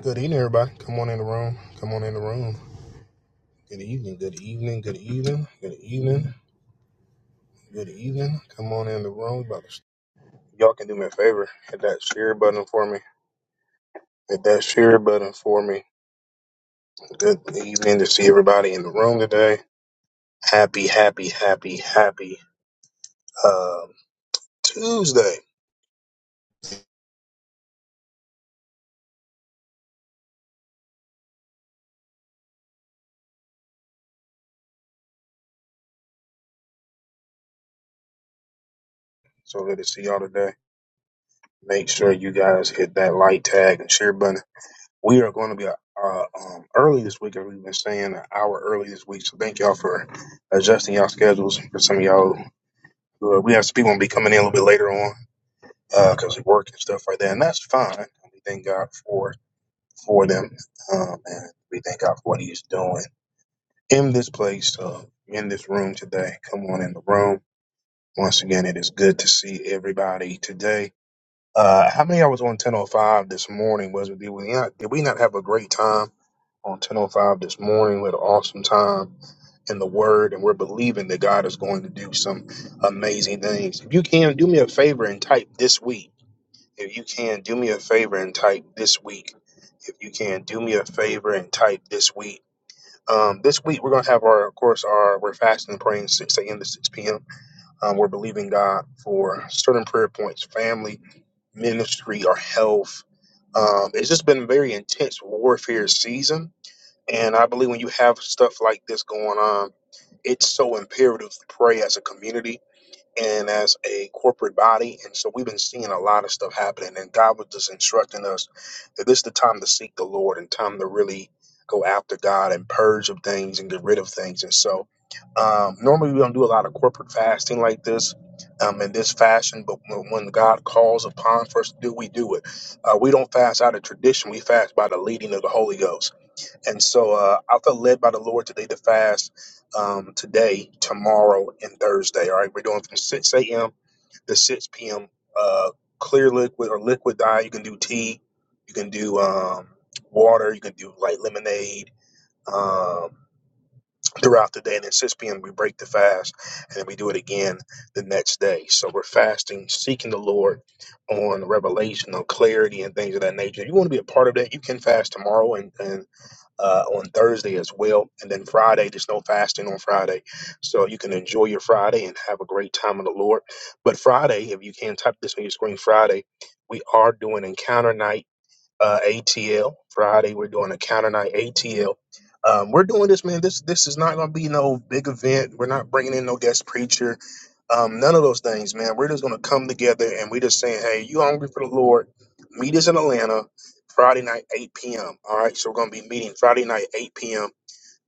Good evening, everybody. Come on in the room. Come on in the room. Good evening. Good evening. Good evening. Good evening. Good evening. Come on in the room. About to- Y'all can do me a favor. Hit that share button for me. Hit that share button for me. Good evening to see everybody in the room today. Happy, happy, happy, happy um, Tuesday. So good to see y'all today. Make sure you guys hit that like tag and share button. We are going to be uh, um, early this week, as we've been saying, an hour early this week. So thank y'all for adjusting y'all schedules. For some of y'all, who are- we have some people gonna be coming in a little bit later on because we work and stuff like that, and that's fine. We thank God for for them, um, and we thank God for what He's doing in this place, uh, in this room today. Come on in the room once again. It is good to see everybody today. Uh, how many of y'all was on ten oh five this morning? Was it did we not did we not have a great time? on 1005 this morning. We had an awesome time in the Word, and we're believing that God is going to do some amazing things. If you can, do me a favor and type this week. If you can, do me a favor and type this week. If you can, do me a favor and type this week. Um, this week we're gonna have our, of course, our we're fasting and praying 6 a.m. to 6 p.m. Um, we're believing God for certain prayer points, family, ministry, our health. Um, it's just been a very intense warfare season and I believe when you have stuff like this going on, it's so imperative to pray as a community and as a corporate body. And so we've been seeing a lot of stuff happening. And God was just instructing us that this is the time to seek the Lord and time to really go after God and purge of things and get rid of things. And so um, normally we don't do a lot of corporate fasting like this. Um, in this fashion, but when when God calls upon for us to do, we do it. Uh, we don't fast out of tradition. We fast by the leading of the Holy Ghost. And so uh, I felt led by the Lord today to fast um, today, tomorrow, and Thursday. All right, we're doing from 6 a.m. to 6 p.m. Uh, clear liquid or liquid diet. You can do tea, you can do um, water, you can do like lemonade um, throughout the day. And then 6 p.m., we break the fast and then we do it again the next day. So we're fasting, seeking the Lord on revelation, on clarity, and things of that nature. If you want to be a part of that, you can fast tomorrow and, and uh, on Thursday as well. And then Friday, there's no fasting on Friday. So you can enjoy your Friday and have a great time in the Lord. But Friday, if you can type this on your screen, Friday, we are doing encounter night uh, ATL Friday. We're doing a counter night ATL. Um, we're doing this, man. This this is not going to be no big event. We're not bringing in no guest preacher. Um, none of those things, man. We're just going to come together and we're just saying, hey, you hungry for the Lord? Meet us in Atlanta Friday night, 8 p.m. All right. So we're going to be meeting Friday night, 8 p.m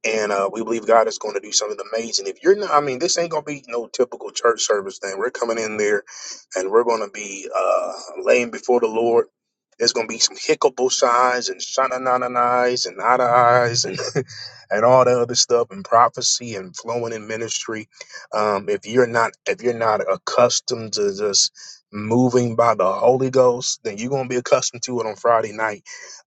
and uh, we believe God is going to do something amazing. If you're not, I mean, this ain't going to be no typical church service thing. We're coming in there, and we're going to be uh, laying before the Lord. There's going to be some hiccupable signs and shananananais and nada eyes and and all the other stuff and prophecy and flowing in ministry. Um, if you're not if you're not accustomed to just moving by the Holy Ghost, then you're going to be accustomed to it on Friday night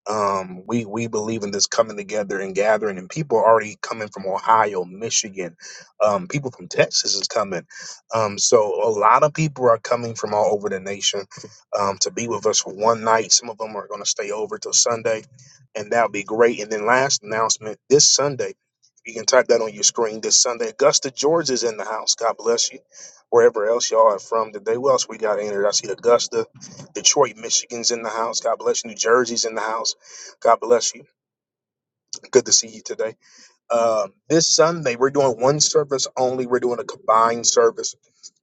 um, we we believe in this coming together and gathering, and people are already coming from Ohio, Michigan. Um, people from Texas is coming. Um, so a lot of people are coming from all over the nation um, to be with us for one night. Some of them are going to stay over till Sunday, and that'll be great. And then last announcement this Sunday. You can type that on your screen this Sunday. Augusta George is in the house. God bless you. Wherever else y'all are from today. What else we got entered? I see Augusta, Detroit, Michigan's in the house. God bless you. New Jersey's in the house. God bless you. Good to see you today. Um, this Sunday, we're doing one service only. We're doing a combined service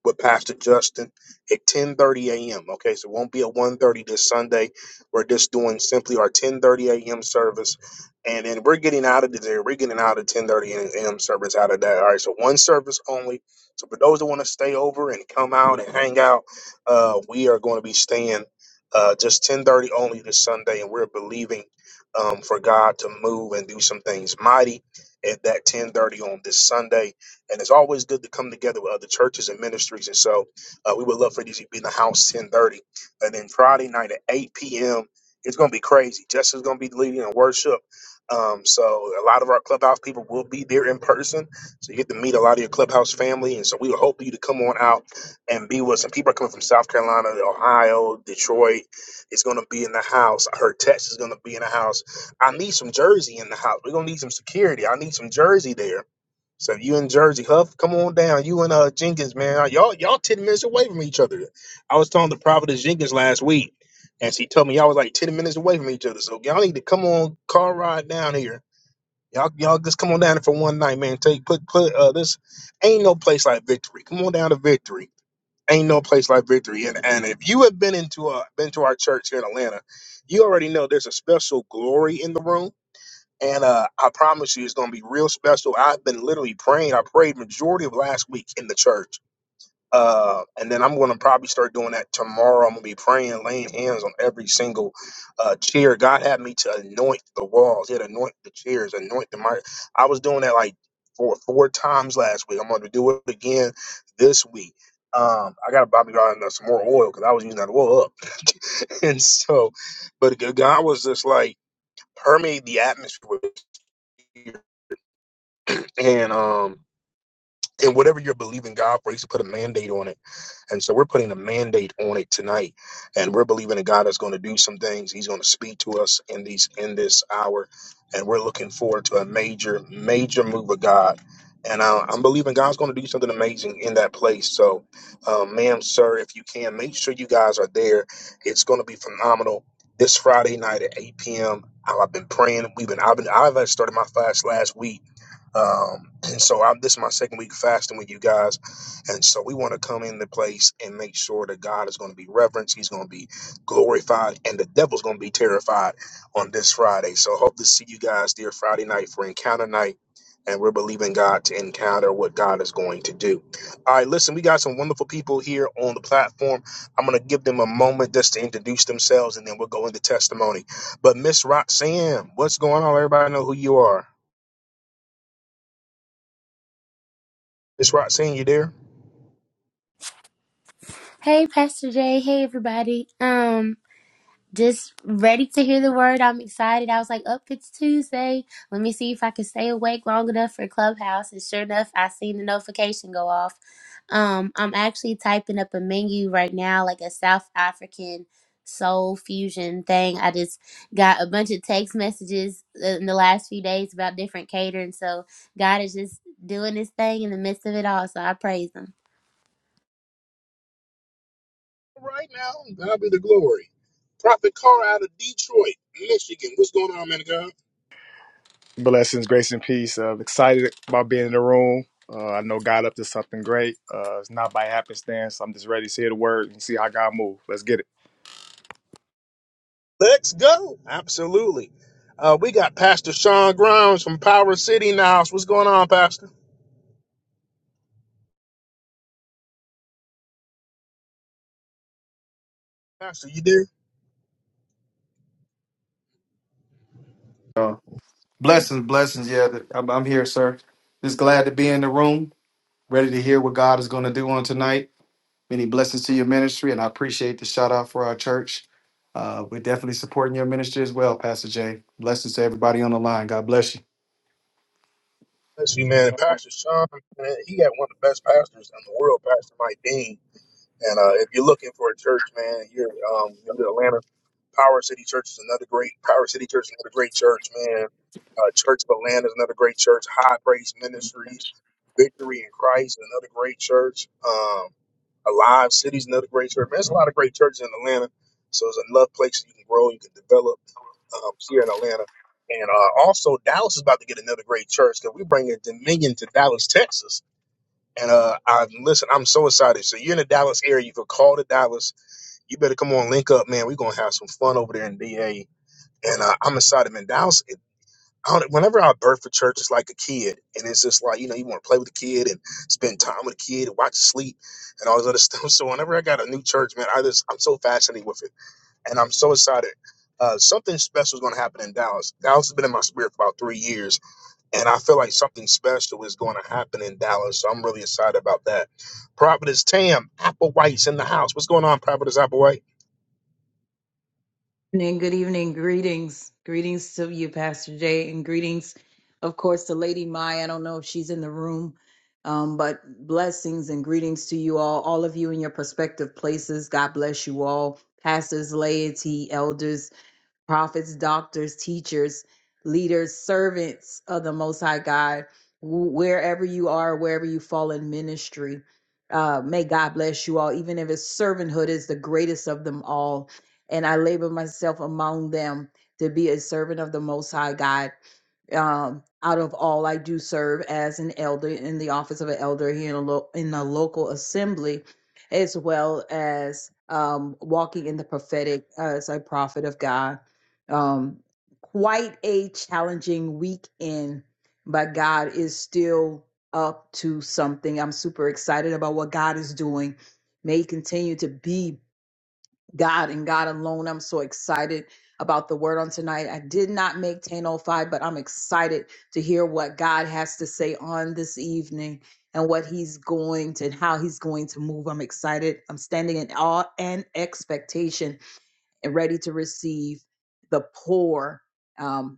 with Pastor Justin at 10:30 a.m. Okay, so it won't be at 1:30 this Sunday. We're just doing simply our 10:30 a.m. service, and then we're getting out of there. We're getting out of 10:30 a.m. service out of that. All right, so one service only. So for those that want to stay over and come out and hang out, uh, we are going to be staying uh, just 10:30 only this Sunday, and we're believing um, for God to move and do some things mighty at that 10:30 on this Sunday. And it's always good to come together with other churches and ministries. And so uh, we would love for you to be in the house 10:30, and then Friday night at 8 p.m. It's going to be crazy. Jess is going to be leading in worship. Um, so a lot of our clubhouse people will be there in person. So you get to meet a lot of your clubhouse family. And so we would hope you to come on out and be with some people are coming from South Carolina, Ohio, Detroit. It's going to be in the house. I heard Texas is going to be in the house. I need some jersey in the house. We're gonna need some security. I need some jersey there. So you and Jersey, Huff, come on down. You and uh Jenkins, man. Y'all y'all ten minutes away from each other. I was talking to Providence Jenkins last week, and she told me y'all was like ten minutes away from each other. So y'all need to come on car ride down here. Y'all y'all just come on down here for one night, man. Take put put uh this ain't no place like victory. Come on down to victory. Ain't no place like victory. And and if you have been into uh been to our church here in Atlanta, you already know there's a special glory in the room and uh, I promise you, it's going to be real special. I've been literally praying. I prayed majority of last week in the church. Uh, and then I'm going to probably start doing that tomorrow. I'm going to be praying, laying hands on every single uh, chair. God had me to anoint the walls. He had anoint the chairs, anoint the mic. I was doing that like four four times last week. I'm going to do it again this week. Um, I got to Bobby God some more oil because I was using that oil up. and so, but God was just like permeate the atmosphere with and um and whatever you're believing God for, He's to put a mandate on it. And so we're putting a mandate on it tonight, and we're believing that God that's going to do some things. He's going to speak to us in these in this hour, and we're looking forward to a major major move of God. And I, I'm believing God's going to do something amazing in that place. So, um, ma'am, sir, if you can, make sure you guys are there. It's going to be phenomenal. This Friday night at 8 p.m. I've been praying. We've been I've been I've started my fast last week um, and so I'm, this is my second week fasting with you guys. And so we want to come in the place and make sure that God is going to be reverenced. He's going to be glorified and the devil's going to be terrified on this Friday. So hope to see you guys there Friday night for encounter night. And we're believing God to encounter what God is going to do. All right, listen, we got some wonderful people here on the platform. I'm going to give them a moment just to introduce themselves and then we'll go into testimony. But Miss Roxanne, what's going on? Everybody know who you are. Miss Roxanne, you there? Hey, Pastor Jay. Hey, everybody. Um, just ready to hear the word. I'm excited. I was like, up, it's Tuesday. Let me see if I can stay awake long enough for Clubhouse. And sure enough, I seen the notification go off. Um, I'm actually typing up a menu right now, like a South African soul fusion thing. I just got a bunch of text messages uh, in the last few days about different catering. So God is just doing his thing in the midst of it all. So I praise him. Right now, God be the glory. Prophet Carr out of Detroit, Michigan. What's going on, man of God? Blessings, grace, and peace. Uh, excited about being in the room. Uh, I know God up to something great. Uh, it's not by happenstance. I'm just ready to hear the word and see how God move. Let's get it. Let's go. Absolutely. Uh, we got Pastor Sean Grimes from Power City in the house. What's going on, Pastor? Pastor, you there? Uh, blessings, blessings. Yeah, th- I'm, I'm here, sir. Just glad to be in the room, ready to hear what God is going to do on tonight. Many blessings to your ministry, and I appreciate the shout out for our church. Uh, we're definitely supporting your ministry as well, Pastor Jay. Blessings to everybody on the line. God bless you. Bless you, man. Pastor Sean, man, he got one of the best pastors in the world, Pastor Mike Dean. And uh, if you're looking for a church, man, you're um, new to Atlanta. Power City Church is another great. Power City Church is another great church, man. Uh, church of Atlanta is another great church. High Praise Ministries, Victory in Christ is another great church. Um, Alive City is another great church. Man, there's a lot of great churches in Atlanta. So there's enough places you can grow, you can develop um, here in Atlanta. And uh, also, Dallas is about to get another great church because we're bringing Dominion to Dallas, Texas. And uh, I listen. I'm so excited. So you're in the Dallas area. You could call to Dallas. You better come on, link up, man. We're gonna have some fun over there in DA. And uh, I'm excited, man. Dallas. It, I don't, whenever I birth for church, it's like a kid, and it's just like you know, you want to play with the kid and spend time with the kid and watch it sleep and all this other stuff. So whenever I got a new church, man, I just I'm so fascinated with it, and I'm so excited. Uh, something special is gonna happen in Dallas. Dallas has been in my spirit for about three years and I feel like something special is going to happen in Dallas. So I'm really excited about that. Providence Tam, Applewhite's in the house. What's going on, Providence Applewhite? evening, good evening, greetings. Greetings to you, Pastor Jay, and greetings, of course, to Lady Mai. I don't know if she's in the room, um, but blessings and greetings to you all, all of you in your prospective places. God bless you all, pastors, laity, elders prophets, doctors, teachers, leaders, servants of the Most High God, wh- wherever you are, wherever you fall in ministry. Uh, may God bless you all, even if it's servanthood is the greatest of them all. And I labor myself among them to be a servant of the Most High God. Um, out of all, I do serve as an elder in the office of an elder here in a, lo- in a local assembly, as well as um, walking in the prophetic as a prophet of God. Um, quite a challenging weekend, but God is still up to something. I'm super excited about what God is doing. May He continue to be God and God alone. I'm so excited about the word on tonight. I did not make 1005, but I'm excited to hear what God has to say on this evening and what he's going to and how he's going to move. I'm excited. I'm standing in awe and expectation and ready to receive the pour. um,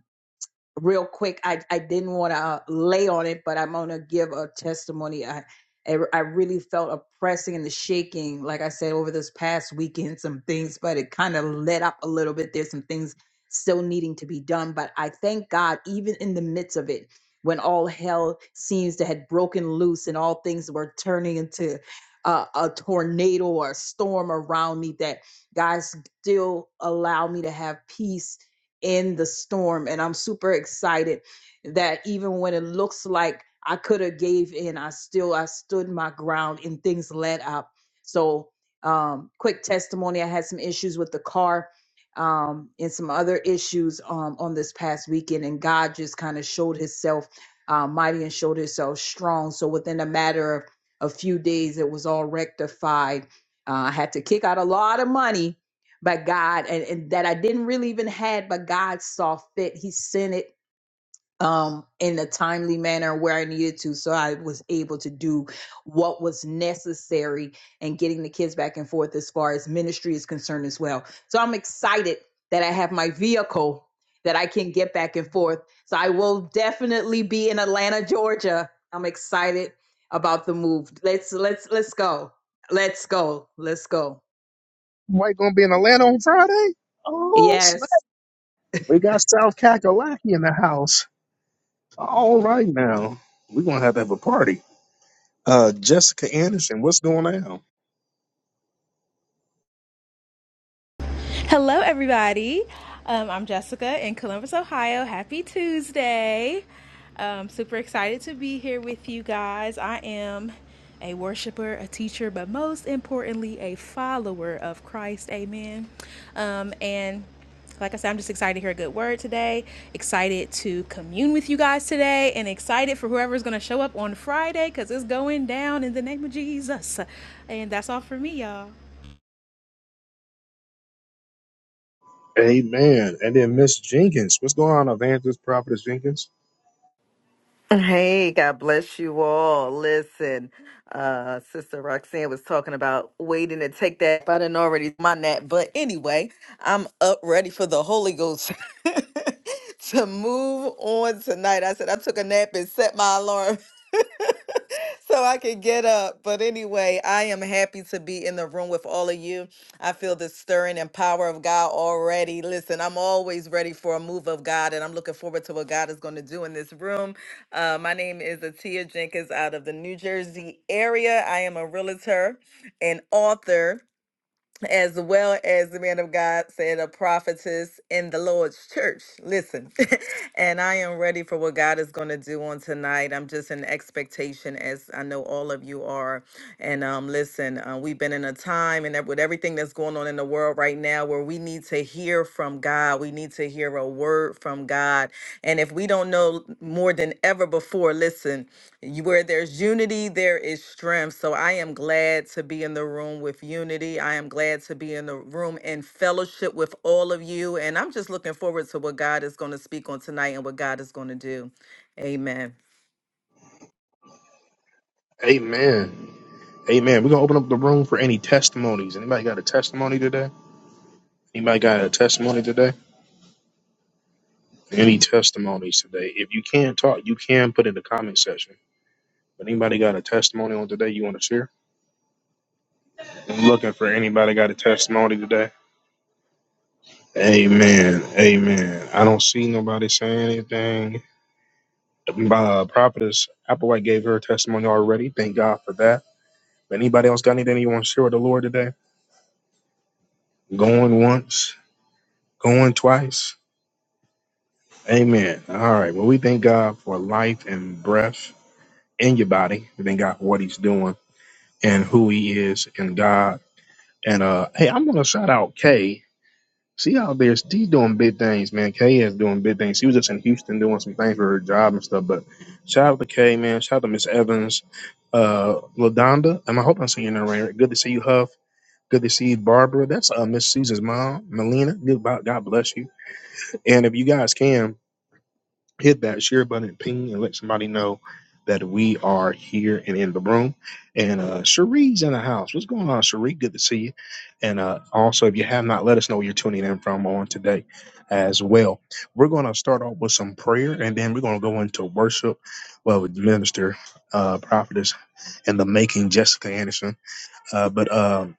real quick. I, I didn't want to lay on it, but I'm going to give a testimony. I, I I really felt a pressing and the shaking, like I said, over this past weekend, some things, but it kind of let up a little bit. There's some things still needing to be done, but I thank God, even in the midst of it, when all hell seems to had broken loose and all things were turning into uh, a tornado or a storm around me, that God still allowed me to have peace in the storm and i'm super excited that even when it looks like i could have gave in i still i stood my ground and things led up so um quick testimony i had some issues with the car um and some other issues um on this past weekend and god just kind of showed himself uh, mighty and showed himself strong so within a matter of a few days it was all rectified uh, i had to kick out a lot of money by God and, and that I didn't really even had, but God saw fit. He sent it um in a timely manner where I needed to. So I was able to do what was necessary and getting the kids back and forth as far as ministry is concerned as well. So I'm excited that I have my vehicle that I can get back and forth. So I will definitely be in Atlanta, Georgia. I'm excited about the move. Let's let's let's go. Let's go. Let's go. White going to be in Atlanta on Friday? Oh, snap. Yes. We got South Kakalaki in the house. All right, now. We're going to have to have a party. Uh, Jessica Anderson, what's going on? Hello, everybody. Um, I'm Jessica in Columbus, Ohio. Happy Tuesday. Um, super excited to be here with you guys. I am a worshiper, a teacher, but most importantly, a follower of Christ. Amen. Um, and like I said, I'm just excited to hear a good word today, excited to commune with you guys today, and excited for whoever's going to show up on Friday because it's going down in the name of Jesus. And that's all for me, y'all. Amen. And then Miss Jenkins. What's going on, Evangelist Prophetess Jenkins? Hey, God bless you all. Listen, uh, Sister Roxanne was talking about waiting to take that. If I didn't already my nap, but anyway, I'm up ready for the Holy Ghost to move on tonight. I said I took a nap and set my alarm. so I could get up. But anyway, I am happy to be in the room with all of you. I feel the stirring and power of God already. Listen, I'm always ready for a move of God, and I'm looking forward to what God is going to do in this room. Uh, my name is Atia Jenkins out of the New Jersey area. I am a realtor and author, as well as the man of God said, a prophetess in the Lord's church. Listen, and I am ready for what God is going to do on tonight. I'm just in expectation, as I know all of you are. And um, listen, uh, we've been in a time and that with everything that's going on in the world right now where we need to hear from God. We need to hear a word from God. And if we don't know more than ever before, listen, you- where there's unity, there is strength. So I am glad to be in the room with unity. I am glad to be in the room in fellowship with all of you. And I'm just looking forward to what God is going to speak on tonight and what God is going to do. Amen. Amen. Amen. We're gonna open up the room for any testimonies. Anybody got a testimony today? Anybody got a testimony today? Any testimonies today? If you can't talk, you can put in the comment section. But anybody got a testimony on today you want to share? I'm looking for anybody got a testimony today. Amen. Amen. I don't see nobody saying anything. Uh, Prophetess Applewhite gave her testimony already. Thank God for that. Anybody else got anything you want to share with the Lord today? Going once, going twice. Amen. All right. Well, we thank God for life and breath in your body. We thank God for what He's doing and who He is in God. And uh, hey, I'm gonna shout out Kay. She out there, she doing big things, man. Kay is doing big things. She was just in Houston doing some things for her job and stuff. But shout out to Kay, man. Shout out to Miss Evans, uh, Ladonda. And I hope I'm saying that right. Good to see you, Huff. Good to see you, Barbara. That's uh, Miss Susan's mom, Melina. Good, God bless you. And if you guys can hit that share button and ping and let somebody know that we are here and in the room. And uh Cherie's in the house. What's going on, Cherie? Good to see you. And uh also if you have not, let us know where you're tuning in from on today as well. We're gonna start off with some prayer and then we're gonna go into worship well with minister uh prophetess and the making Jessica Anderson. Uh but um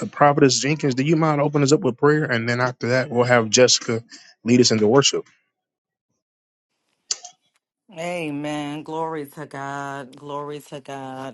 uh, prophetess Jenkins, do you mind opening us up with prayer and then after that we'll have Jessica lead us into worship. Amen. Glory to God. Glory to God.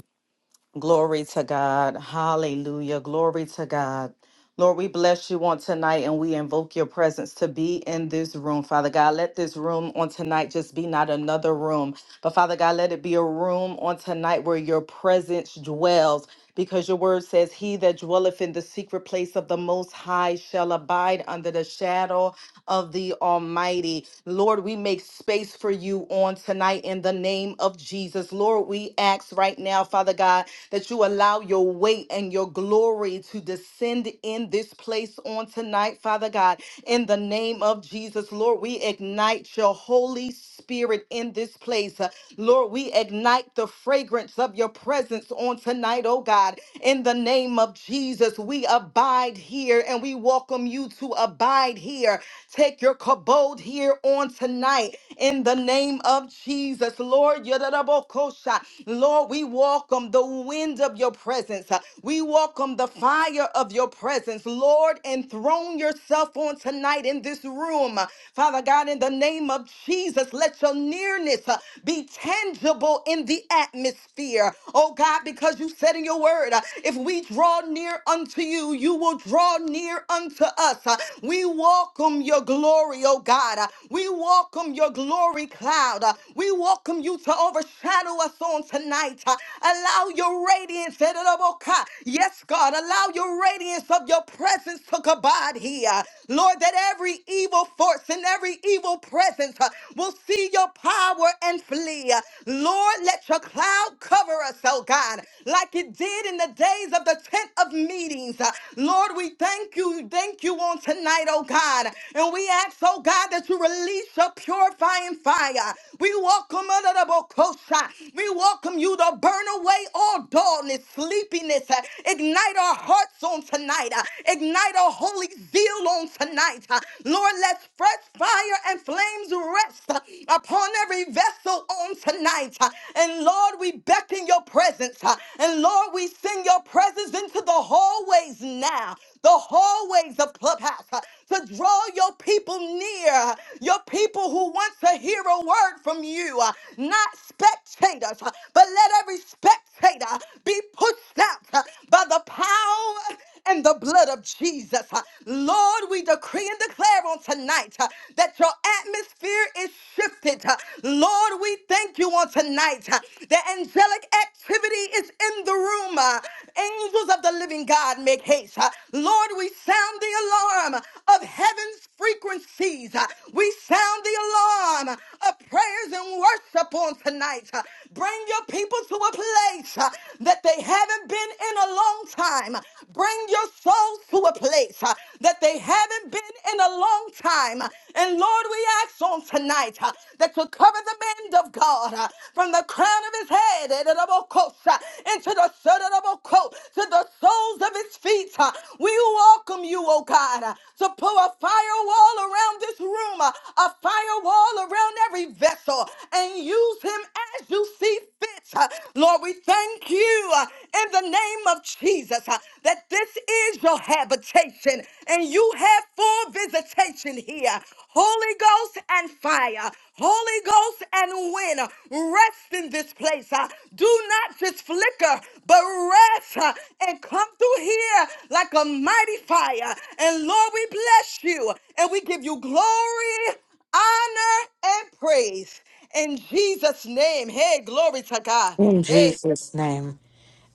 Glory to God. Hallelujah. Glory to God. Lord, we bless you on tonight and we invoke your presence to be in this room. Father God, let this room on tonight just be not another room, but Father God, let it be a room on tonight where your presence dwells because your word says, He that dwelleth in the secret place of the Most High shall abide under the shadow of the Almighty. Lord, we make space for you on tonight in the name of Jesus. Lord, we ask right now, Father God, that you allow your weight and your glory to descend in this place on tonight, Father God, in the name of Jesus. Lord, we ignite your Holy Spirit in this place. Uh, Lord, we ignite the fragrance fragrance of your presence on tonight, oh God. In the name of Jesus, we abide here and we welcome you to abide here. Take your kabod here on tonight. In the name of Jesus, Lord, Yodarabokosha. Lord, we welcome the wind of your presence. We welcome the fire of your presence. Lord, enthrone yourself on tonight in this room. Father God, in the name of Jesus, let your nearness uh, be tangible in the atmosphere. Oh God, because you said in your word, uh, if we draw near unto you, you will draw near unto us. Uh, We welcome your glory, oh God. Uh, We welcome your glory cloud. Uh, We welcome you to overshadow us on tonight. Uh, Allow your radiance, Ereroboka. yes, God, allow your radiance of your presence to abide here. Lord, that every evil force and every evil presence uh, will will see your power and flee. Lord, let your cloud cover us, oh God, like it did in the days of the tent of meetings. Uh, Lord, we thank you, thank you on tonight, oh God. And we ask, oh God, that you release your purifying fire. We welcome honorable Kosha. We welcome you to burn away all dullness, sleepiness. Uh, Ignite our hearts on tonight. Uh, Ignite our holy zeal on tonight. Uh, Lord, let's fresh fire and flames rest uh, upon every vessel on tonight. uh, And Lord, we beckon your presence. uh, And Lord, we send your presence into the hallways now, the hallways of Clubhouse, uh, to draw your people near, uh, your people who want to hear a word from you, uh, not spectators, uh, but let every spectator be pushed out uh, by the power and the blood of Jesus. Uh, Lord, we decree and declare on tonight uh, that your atmosphere is shifted. Uh, Lord, we thank you on tonight uh, that angelic activity is in the room. Uh, Angels of the living God make haste. Uh, Lord, we sound the alarm of heaven's frequencies. Uh, We sound the alarm of prayers and worship on tonight. Uh, Bring your people to a place uh, that they haven't been in a long long time. Bring your souls to a place uh, that they haven't been in a long time. And Lord, we ask on tonight uh, that you cover the man of God uh, from the crown of his head eh, to the bo- coast, uh, into the sole of the bo- coat, to the soles of his feet. uh. We welcome you, oh God, uh, to put a firewall around this room, uh, a firewall around every vessel, and use him as you see fit. Uh, Lord, we thank you. uh, in the name of Jesus uh, that this is your habitation and you have full visitation here. Holy Ghost and fire, Holy Ghost and wind, uh, rest in this place. uh, Do not just flicker, but rest uh, and come through here like a mighty fire. And Lord, we bless you and we give you glory, honor, and praise. In Jesus' name, hey, glory to God. In Hey, Jesus' name.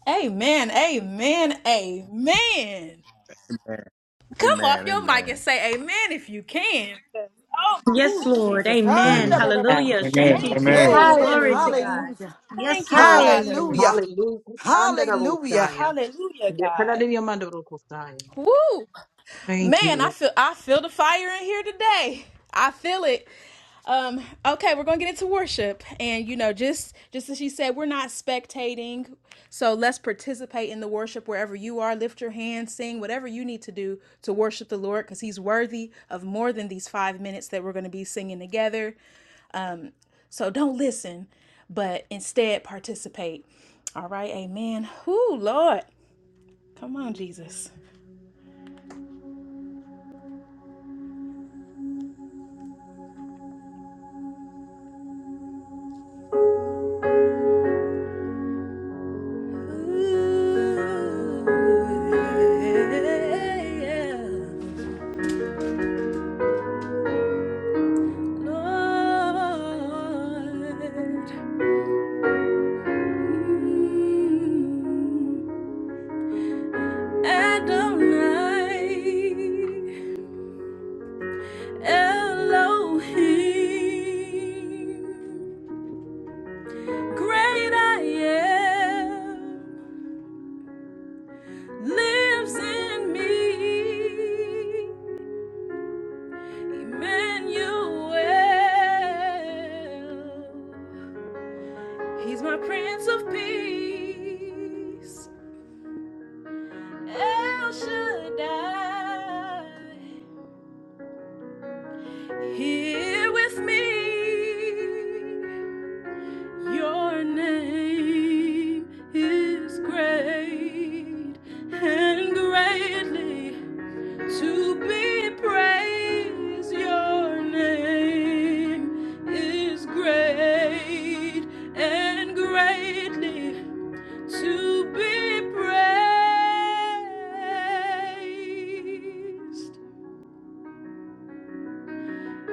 Amen. Amen. Amen. Amen. Come off Amen. your mic and Amen. say amen if you can. Oh my God. Oh, Yes, Lord. Jesus. Ay, Amen. da, Amen. da, da, ba, ko, Hallelujah. sha. Thank Amen. you, Thank you, Amen. Jesus. Lord. Amen. Glory to Hallelujah. God. Hallelujah. Thank Yes, you, Lord. Father. Hallelujah. Hallelujah. Hallelujah. Hallelujah. Hallelujah, God. Woo. Thank Man, you. I feel I feel the fire in here today. I feel it. Um, okay, we're gonna get into worship, and you know, just just as she said, we're not spectating, so let's participate in the worship wherever you are. Lift your hands, sing whatever you need to do to worship the Lord, because He's worthy of more than these five minutes that we're gonna be singing together. So don't listen, but instead participate. All right, Amen. Ooh, Lord, come on, Jesus. Ooh, yeah. yeah. Lord, mm, Adonai, Elohim, great I am, lives in me. Emmanuel, He's my Prince of Peace. El Shaddai, here with me. Your name is great and greatly to be praised. Your name is great and greatly to be praised.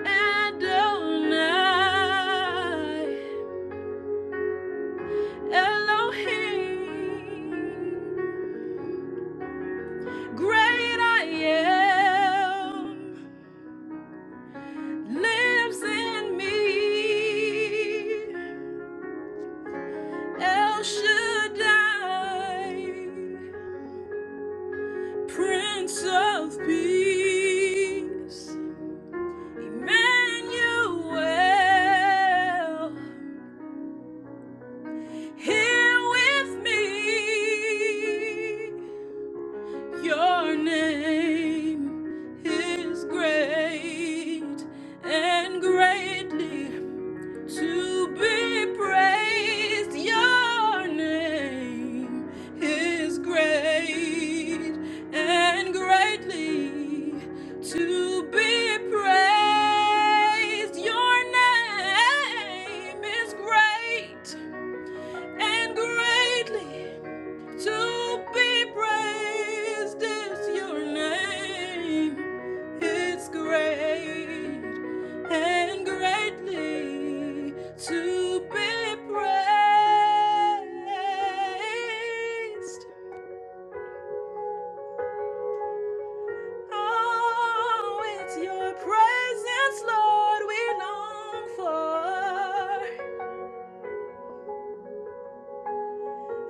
Adonai, Elohim, great I am, lives in me. El Shaddai, Prince of Peace, Emmanuel, here with me. Your name is great and greatly to be praised. Your name is great and greatly to be praised. Your name is great and greatly. To be praised is your name. It's great and greatly to be praised. Oh, it's your presence, Lord, we long for.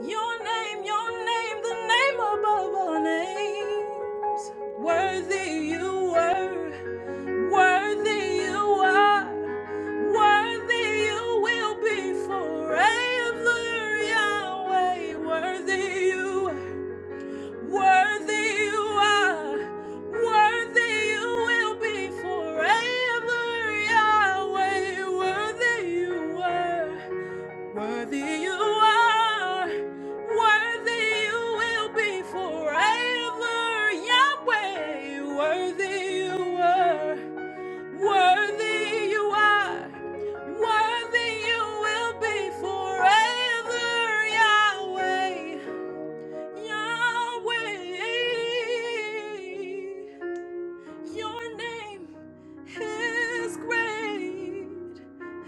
Your name, your name, the name above all names. Worthy you were, worthy you are, worthy you will be forever, Yahweh. Worthy you, were, worthy you are, worthy you will be forever, Yahweh. Worthy you were. Worthy you are, worthy you will be forever, Yahweh. Worthy you are, worthy you are, worthy you will be forever, Yahweh. Yahweh. Your name is great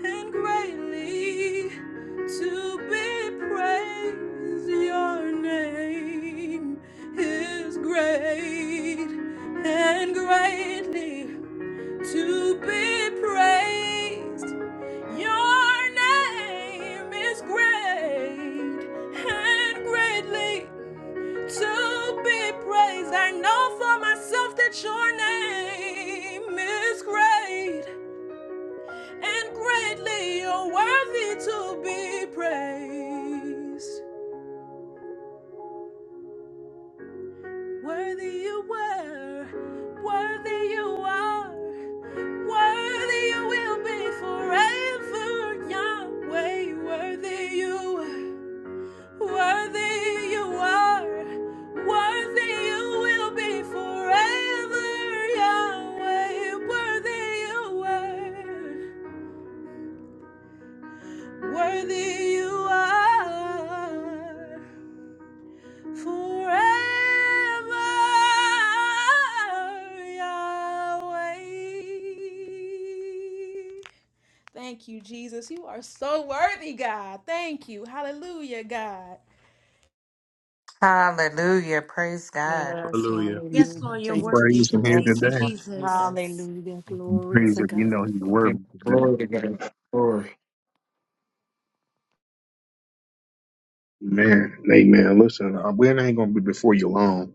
and greatly to be praised. Your name is great and greatly to be praised. Your name is great and greatly to be praised. I know for myself that your name is great and greatly you're worthy to be praised. Worthy you were, worthy you are, worthy you will be forever, Yahweh, worthy you. are. Worthy you are, worthy you will be forever, Yahweh. Worthy you are, worthy you are, forever, Yahweh. Thank you, Jesus. You are so worthy, God. Thank you. Hallelujah, God. Hallelujah. Praise God. Hallelujah. Yes, Lord. You're worthy, Praise and Lord. here Thank Thank you, you, today. Lord Jesus. Jesus. praise if you know he's worthy And today. glory to God. Glory. Man, amen. Listen, uh, we ain't going to be before you long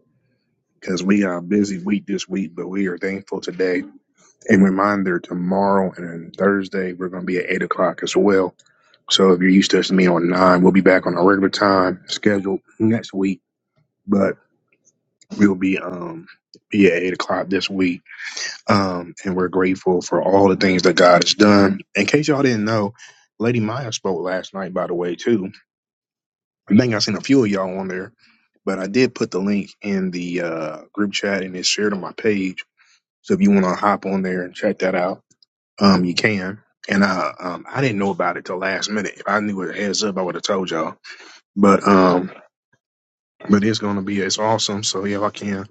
because we got a busy week this week, but we are thankful today. And reminder tomorrow and then Thursday, we're going to be at 8 o'clock as well. So if you're used to us being on 9, we'll be back on our regular time schedule next week, but we'll be, um, be at 8 o'clock this week. Um, and we're grateful for all the things that God has done. In case y'all didn't know, Lady Maya spoke last night, by the way, too I think I seen a few of y'all on there, but I did put the link in the uh, group chat and it's shared on my page. So if you want to hop on there and check that out, um, you can. And uh, um, I didn't know about it till last minute. If I knew it heads up, I would have told y'all. But um, but it's gonna be it's awesome. So y'all can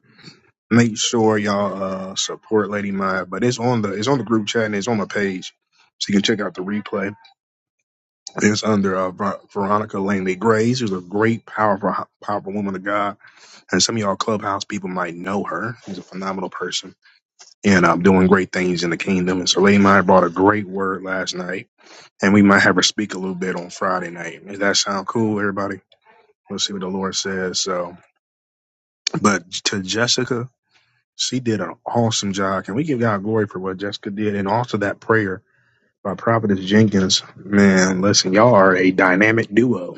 make sure y'all uh support Lady Maya. But it's on the it's on the group chat and it's on the page, so you can check out the replay. It's under uh, Ver- Veronica Langley Grace, who's a great, powerful, powerful woman of God and some of y'all clubhouse people might know her. She's a phenomenal person, and um, doing great things in the kingdom. And so, Lady Maya brought a great word last night, and we might have her speak a little bit on Friday night. Does that sound cool, everybody? We'll see what the Lord says. So, but to Jessica, she did an awesome job. Can we give God glory for what Jessica did, and also that prayer by Prophetess Jenkins? Man, listen, y'all are a dynamic duo.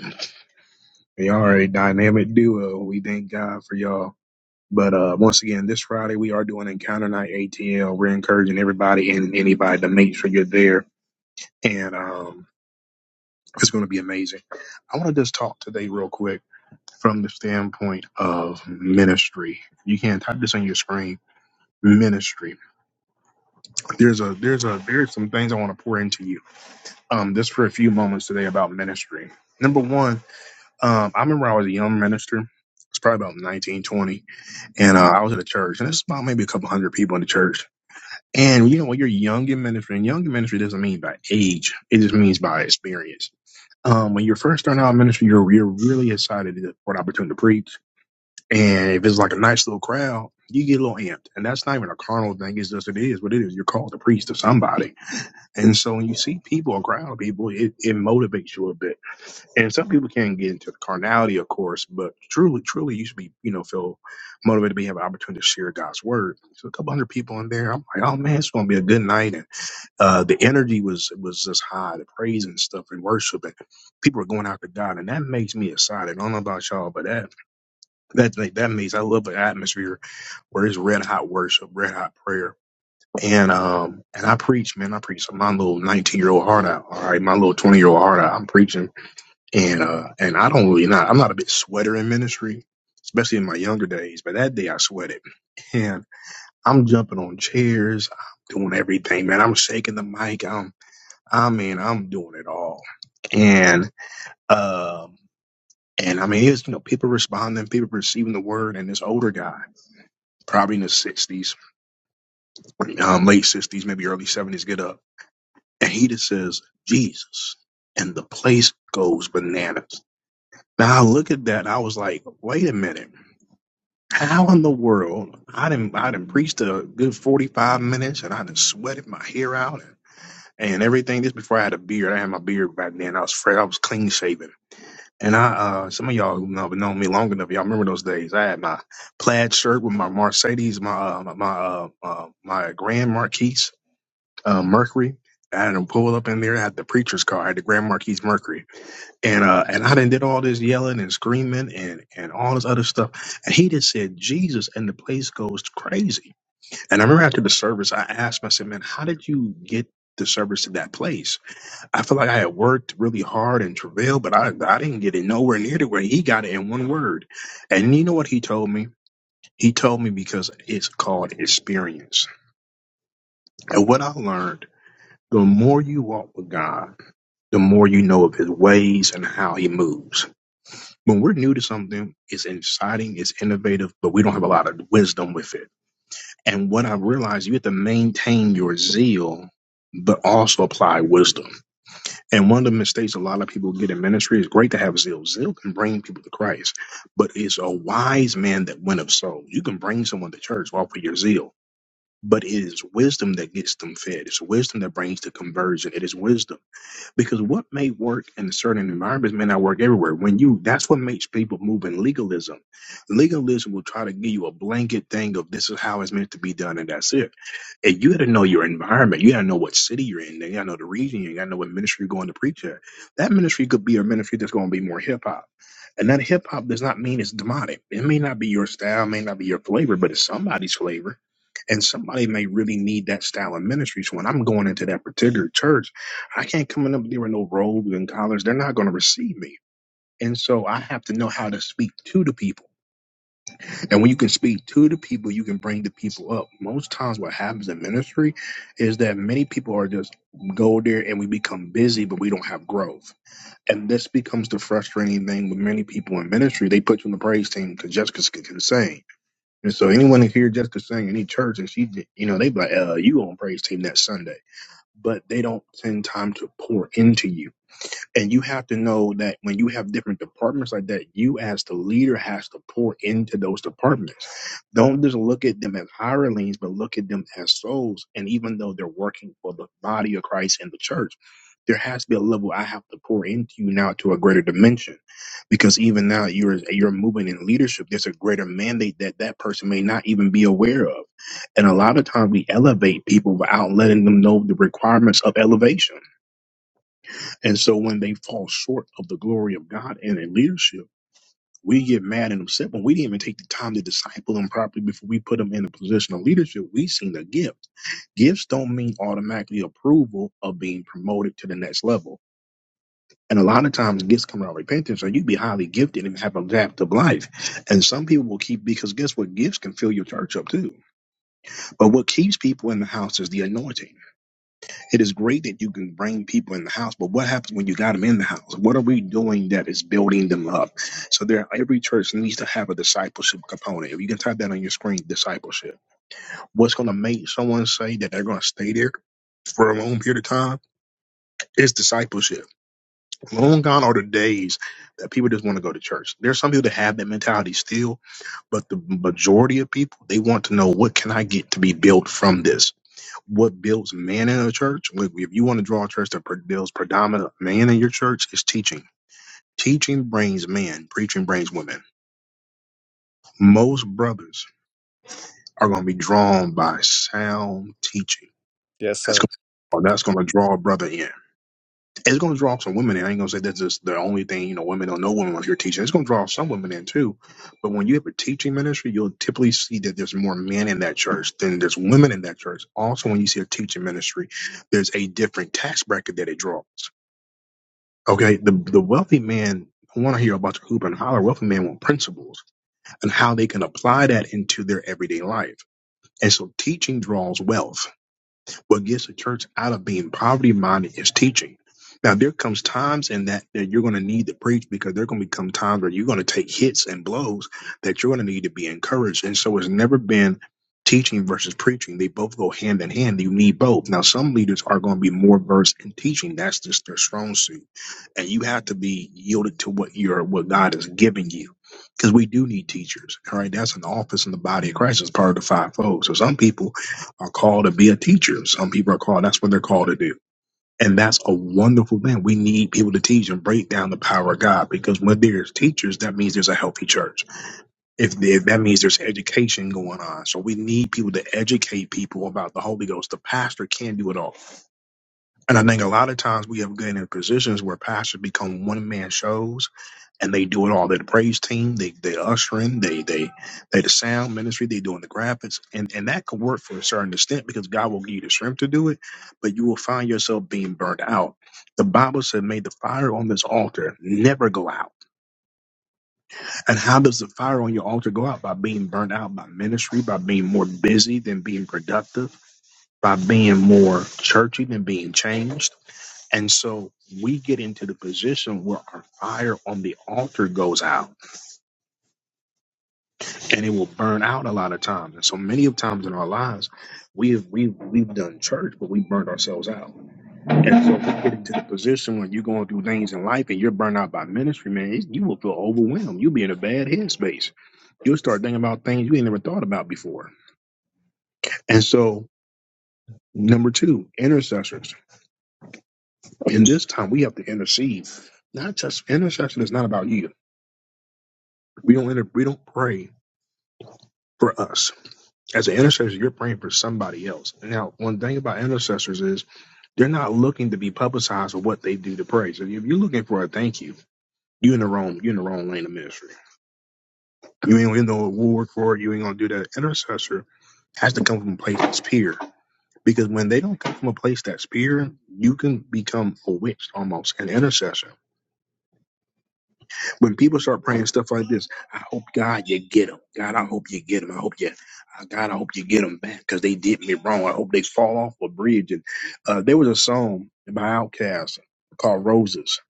Y'all are a dynamic duo. We thank God for y'all. But uh, once again, this Friday we are doing Encounter Night ATL. We're encouraging everybody and anybody to make sure you're there, and um, it's going to be amazing. I want to just talk today real quick from the standpoint of ministry. You can type this on your screen. Ministry. There's a there's a there's some things I want to pour into you. Um, just for a few moments today about ministry. Number one, um, I remember I was a young minister. It's probably about 1920, and uh, I was at a church, and it's about maybe a couple hundred people in the church And you know, when you're young in ministry, and young in ministry doesn't mean by age, it just means by experience. Um, when you're first starting out in ministry, you're, you're really excited to- for an opportunity to preach. And if it's like a nice little crowd, you get a little amped. And that's not even a carnal thing, it's just it is what it is. You're called to preach to somebody and so when you see people, a crowd of people, it, it motivates you a bit. And some people can get into the carnality, of course, but truly, truly, you should be, you know, feel motivated to have an opportunity to share God's word. So a couple hundred people in there, I'm like, oh man, it's gonna be a good night. And uh, the energy was was just high, the praise and stuff and worship, and people are going out to God, and that makes me excited. I don't know about y'all, but that that like, that makes I love an atmosphere where it's red hot worship, red hot prayer and um and I preach, man, I preach my little nineteen year old heart out. All right, my little twenty year old heart out. I'm preaching, and uh and I don't really not. I'm not a big sweater in ministry, especially in my younger days. But that day I sweated, and I'm jumping on chairs. I'm doing everything, man. I'm shaking the mic. I'm I mean I'm doing it all, and um and I mean it was you know people responding, people receiving the word, and this older guy, probably in his sixties, um late sixties, maybe early seventies, get up. and he just says Jesus, and the place goes bananas. Now I look at that, and I was like, wait a minute, how in the world? I didn't, I didn't preach a good forty five minutes, and I done sweated my hair out and, and everything. This before I had a beard. I had my beard back then. I was fresh. I was clean shaven. And I, uh, some of y'all who know, known me long enough, y'all remember those days. I had my plaid shirt with my Mercedes, my uh, my uh, uh, my Grand Marquis uh, Mercury. I had him pull up in there. I had the preacher's car. I had the Grand Marquis Mercury, and uh, and I done did all this yelling and screaming and and all this other stuff. And he just said Jesus, and the place goes crazy. And I remember after the service, I asked him. I said, "Man, how did you get the service to that place? I feel like I had worked really hard and travailed, but I I didn't get it nowhere near to where he got it in one word." And you know what he told me? He told me because it's called experience. And what I learned, the more you walk with God the more you know of his ways and how he moves. When we're new to something, it's exciting, it's innovative, but we don't have a lot of wisdom with it. And what I've realized, you have to maintain your zeal, but also apply wisdom. And one of the mistakes a lot of people get in ministry is great to have zeal. Zeal can bring people to Christ, but it's a wise man that went of souls. You can bring someone to church off of your zeal. But it is wisdom that gets them fed. It's wisdom that brings the conversion. It is wisdom because what may work in certain environments may not work everywhere when you that's what makes people move in legalism legalism will try to give you a blanket thing of this is how it's meant to be done and that's it and you gotta know your environment you gotta know what city you're in you gotta know the region you gotta know what ministry you're going to preach at that ministry could be a ministry that's going to be more hip-hop and that hip-hop does not mean it's demonic it may not be your style may not be your flavor but it's somebody's flavor and somebody may really need that style of ministry so when i'm going into that particular church I can't come in up there with no robes and collars. They're not going to receive me. And so I have to know how to speak to the people. And when you can speak to the people, you can bring the people up. Most times, what happens in ministry is that many people are just go there and we become busy, but we don't have growth. And this becomes the frustrating thing with many people in ministry. They put you on the praise team because Jessica can sing. And so anyone who hear Jessica sing in any church, and she, you know, they be like, uh, you on praise team that Sunday. But they don't spend time to pour into you and you have to know that when you have different departments like that, you as the leader has to pour into those departments. Don't just look at them as hirelings, but look at them as souls. And even though they're working for the body of Christ and the church, there has to be a level I have to pour into you now to a greater dimension, because even now you're you're moving in leadership. There's a greater mandate that that person may not even be aware of, and a lot of times we elevate people without letting them know the requirements of elevation and so when they fall short of the glory of God and in leadership, we get mad and upset when we didn't even take the time to disciple them properly before we put them in a position of leadership. We seen a gift. Gifts don't mean automatically approval of being promoted to the next level. And a lot of times gifts come out repentance, or you be highly gifted and have adaptive life. And some people will keep because guess what? Gifts can fill your church up too. But what keeps people in the house is the anointing it is great that you can bring people in the house, but what happens when you got them in the house? What are we doing that is building them up? So there, every church needs to have a discipleship component. If you can type that on your screen, discipleship. What's going to make someone say that they're going to stay there for a long period of time is discipleship. Long gone are the days that people just want to go to church. There's some people that have that mentality still, but the majority of people they want to know what can I get to be built from this what builds man in a church. Like if you want to draw a church that pre- builds predominant man in your church, is teaching. Teaching brings men, preaching brings women. Most brothers are going to be drawn by sound teaching. Yes, That's sir. going or that's going to draw a brother in. It's going to draw some women in. I ain't going to say that's just the only thing, you know, women don't know women want to hear teaching. It's going to draw some women in too. But when you have a teaching ministry, you'll typically see that there's more men in that church than there's women in that church. Also, when you see a teaching ministry, there's a different tax bracket that it draws. Okay, the the wealthy man. I want to hear about the Hooper and Holler wealthy man with principles and how they can apply that into their everyday life. And so teaching draws wealth. What gets the church out of being poverty minded is teaching. Now there comes times in that that you're going to need to preach because there are going to become times where you're going to take hits and blows that you're going to need to be encouraged. And so it's never been teaching versus preaching. They both go hand in hand. You need both. Now some leaders are going to be more versed in teaching. That's just their strong suit, and you have to be yielded to what you're what God is giving you because we do need teachers. All right, that's an office in the body of Christ. It's part of the fivefold. So some people are called to be a teacher. Some people are called, that's what they're called to do. And that's a wonderful thing. We need people to teach and break down the power of God because when there's teachers, that means there's a healthy church. If, if that means there's education going on. So we need people to educate people about the Holy Ghost. The pastor can't do it all. And I think a lot of times we have gotten in positions where pastors become one man shows and they do it all. They're the praise team, they they ushering, they they they the sound ministry, they doing the graphics, and and that could work for a certain extent because God will give you the strength to do it, but you will find yourself being burnt out. The Bible said, "May the fire on this altar never go out." And how does the fire on your altar go out? By being burnt out by ministry, by being more busy than being productive, by being more churchy than being changed and so we get into the position where our fire on the altar goes out and it will burn out a lot of times. And so many of times in our lives, we've we've we've done church, but we burned ourselves out. And so we get into the position when you're going through things in life and you're burned out by ministry, man, it's- you will feel overwhelmed. You'll be in a bad headspace. You'll start thinking about things you ain't never thought about before. And so number two, intercessors. And this time we have to intercede. Not just intercession is not about you. We don't inter- we don't pray for us. As an intercessor, you're praying for somebody else. Now, one thing about intercessors is they're not looking to be publicized for what they do to pray. So if you're looking for a thank you, you in the wrong you in the wrong lane of ministry. You ain't in the award for it, you ain't gonna do that. Intercessor has to come from a place that's pure. Because when they don't come from a place that's pure, you can become a witch almost, an intercessor. when people start praying stuff like this, I hope God you get them. God, I hope you get them. I hope you, uh, God, I hope you get them back because they did me wrong. I hope they fall off a bridge. And uh, there was a song by Outkast called Roses,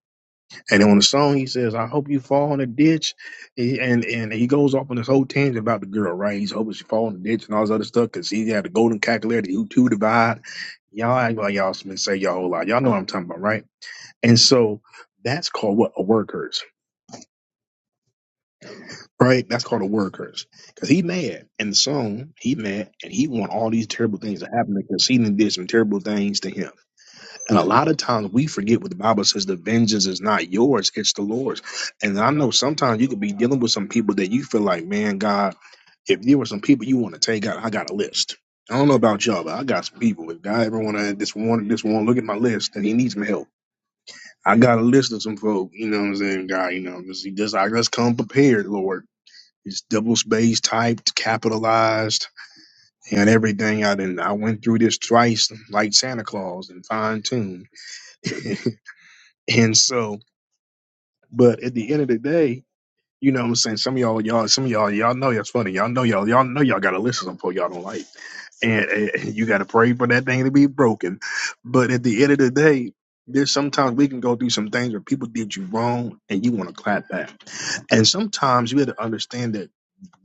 and on the song he says, "I hope you fall in a ditch," He- and and he goes off on this whole tangent about the girl, right? He's hoping she fall in a ditch and all this other stuff because he had the golden calculator, the U two divide. Y'all act like y'all been say y'all whole lot. Y'all know what I'm talking about, right? And so that's called what a word curse right? That's called a word curse. Because he mad in the song, he mad, and he want all these terrible things to happen because he done did some terrible things to him. And a lot of times we forget what the Bible says: the vengeance is not yours; it's the Lord's. And I know sometimes you could be dealing with some people that you feel like, man, God, if there were some people you want to take out, I got a list. I don't know about y'all, but I got some people. If God ever want to this one, this one, look at my list, and he needs some help. I got a list of some folk. You know what I'm saying, God? You know, just, just I just come prepared, Lord. It's double space typed, capitalized, and everything. I didn't. I went through this twice, like Santa Claus, and fine tuned. and so, but at the end of the day, you know what I'm saying. Some of y'all, y'all, some of y'all, y'all know that's funny. Y'all know y'all, y'all know y'all got to listen to something y'all don't like, and, and you got to pray for that thing to be broken. But at the end of the day. There's sometimes we can go through some things where people did you wrong and you want to clap back. And sometimes you have to understand that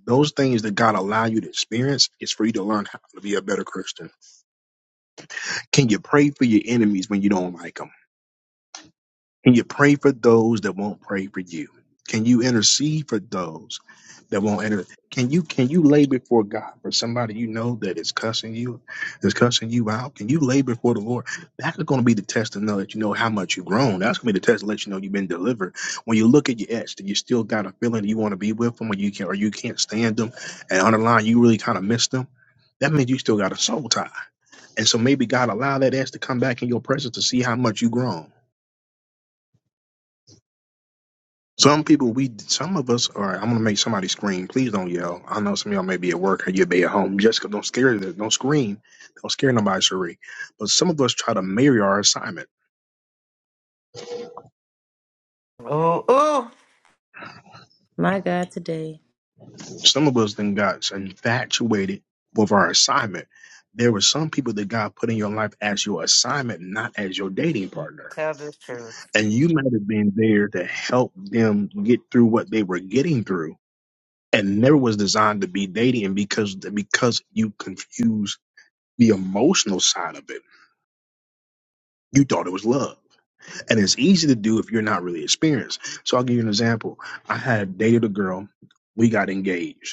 Those things that God allow you to experience is for you to learn how to be a better Christian. Can you pray for your enemies when you don't like like them? Can you pray for those that won't pray for you? Can you intercede for those that won't enter? Can you can you lay before God for somebody you know that is cussing you, is cussing you out? Can you lay before the Lord? That's going to be the test to know that you know how much you've grown. That's going to be the test to let you know you've been delivered. When you look at your ex, that you still got a feeling that you want to be with them, or you can or you can't stand them, and on the line you really kind of miss them. That means you still got a soul tie. And so maybe God allow that ex to come back in your presence to see how much you've grown Some people, we, some of us are. I'm gonna make somebody scream. Please don't yell. I know some of y'all may be at work or you may be at home. Jessica, don't scare them. Don't scream. Don't scare nobody, Cherie. But some of us try to marry our assignment. Ooh, ooh. My God, today. Some of us then got infatuated with our assignment. There were some people that God put in your life as your assignment, not as your dating partner. Tell the truth. And you might have been there to help them get through what they were getting through, and never was designed to be dating because because you confused the emotional side of it. You thought it was love. And it's easy to do if you're not really experienced. So I'll give you an example. I had dated a girl, we got engaged